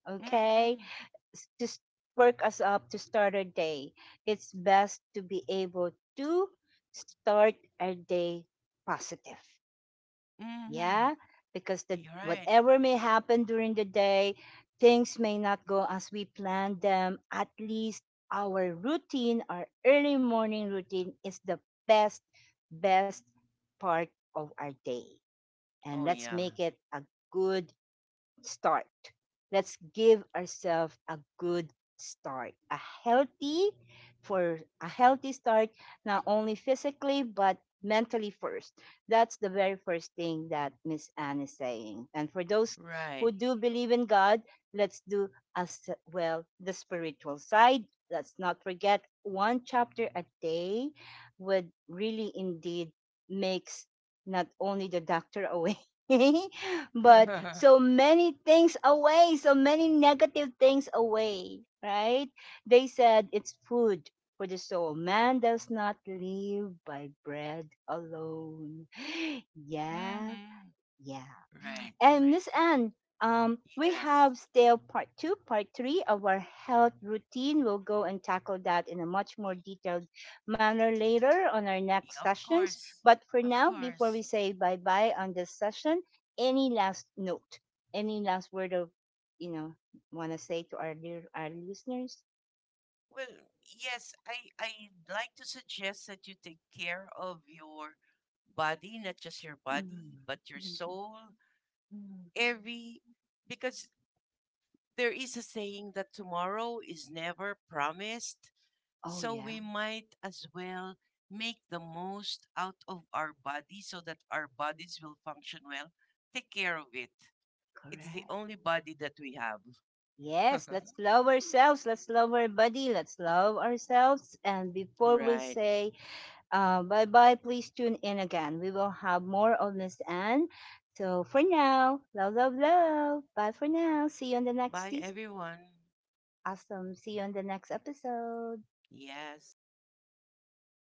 Okay?
Mm-hmm.
S- To s- perk us up to start our day, it's best to be able to start our day positive.
Mm-hmm.
Yeah, because the
You're right.
whatever may happen during the day, things may not go as we planned them. At least our routine, our early morning routine, is the best best part of our day. And
Oh
let's
yeah.
make it a good start. Let's give ourselves a good start, a healthy for a healthy start, not only physically but mentally first. That's the very first thing that Miss Anne is saying. And for those who
Right.
do believe in God, let's do as well the spiritual side. Let's not forget, one chapter a day would really indeed makes not only the doctor away, but
Mm-hmm.
so many things away, so many negative things away, right? They said it's food for the soul. Man does not live by bread alone. Yeah, yeah.
Right,
And
right,
this
right.
end, um, we
Yes.
have still part two, part three of our health routine. We'll go and tackle that in a much more detailed manner later on our
Y-
next
Of
sessions.
course.
But for
Of
now, before we
course.
say bye bye on this session, any last note, any last word of, you know, want to say to our dear, our listeners?
Well, yes, I I like to suggest that you take care of your body, not just your body,
Mm,
but your
mm, mm,
soul.
mm.
Every because there is a saying that tomorrow is never promised,
Oh
so
yeah,
we might as well make the most out of our body so that our bodies will function well. Take care of it. It's the
correct.
only body that we have.
Yes, let's love ourselves. Let's love our body. Let's love ourselves. And before we
Right.
say, uh, bye bye, please tune in again. We will have more of Miss Anne. So for now, love, love, love. Bye for now. See you on the next
Bye
season.
everyone.
Awesome. See you on the next episode.
Yes.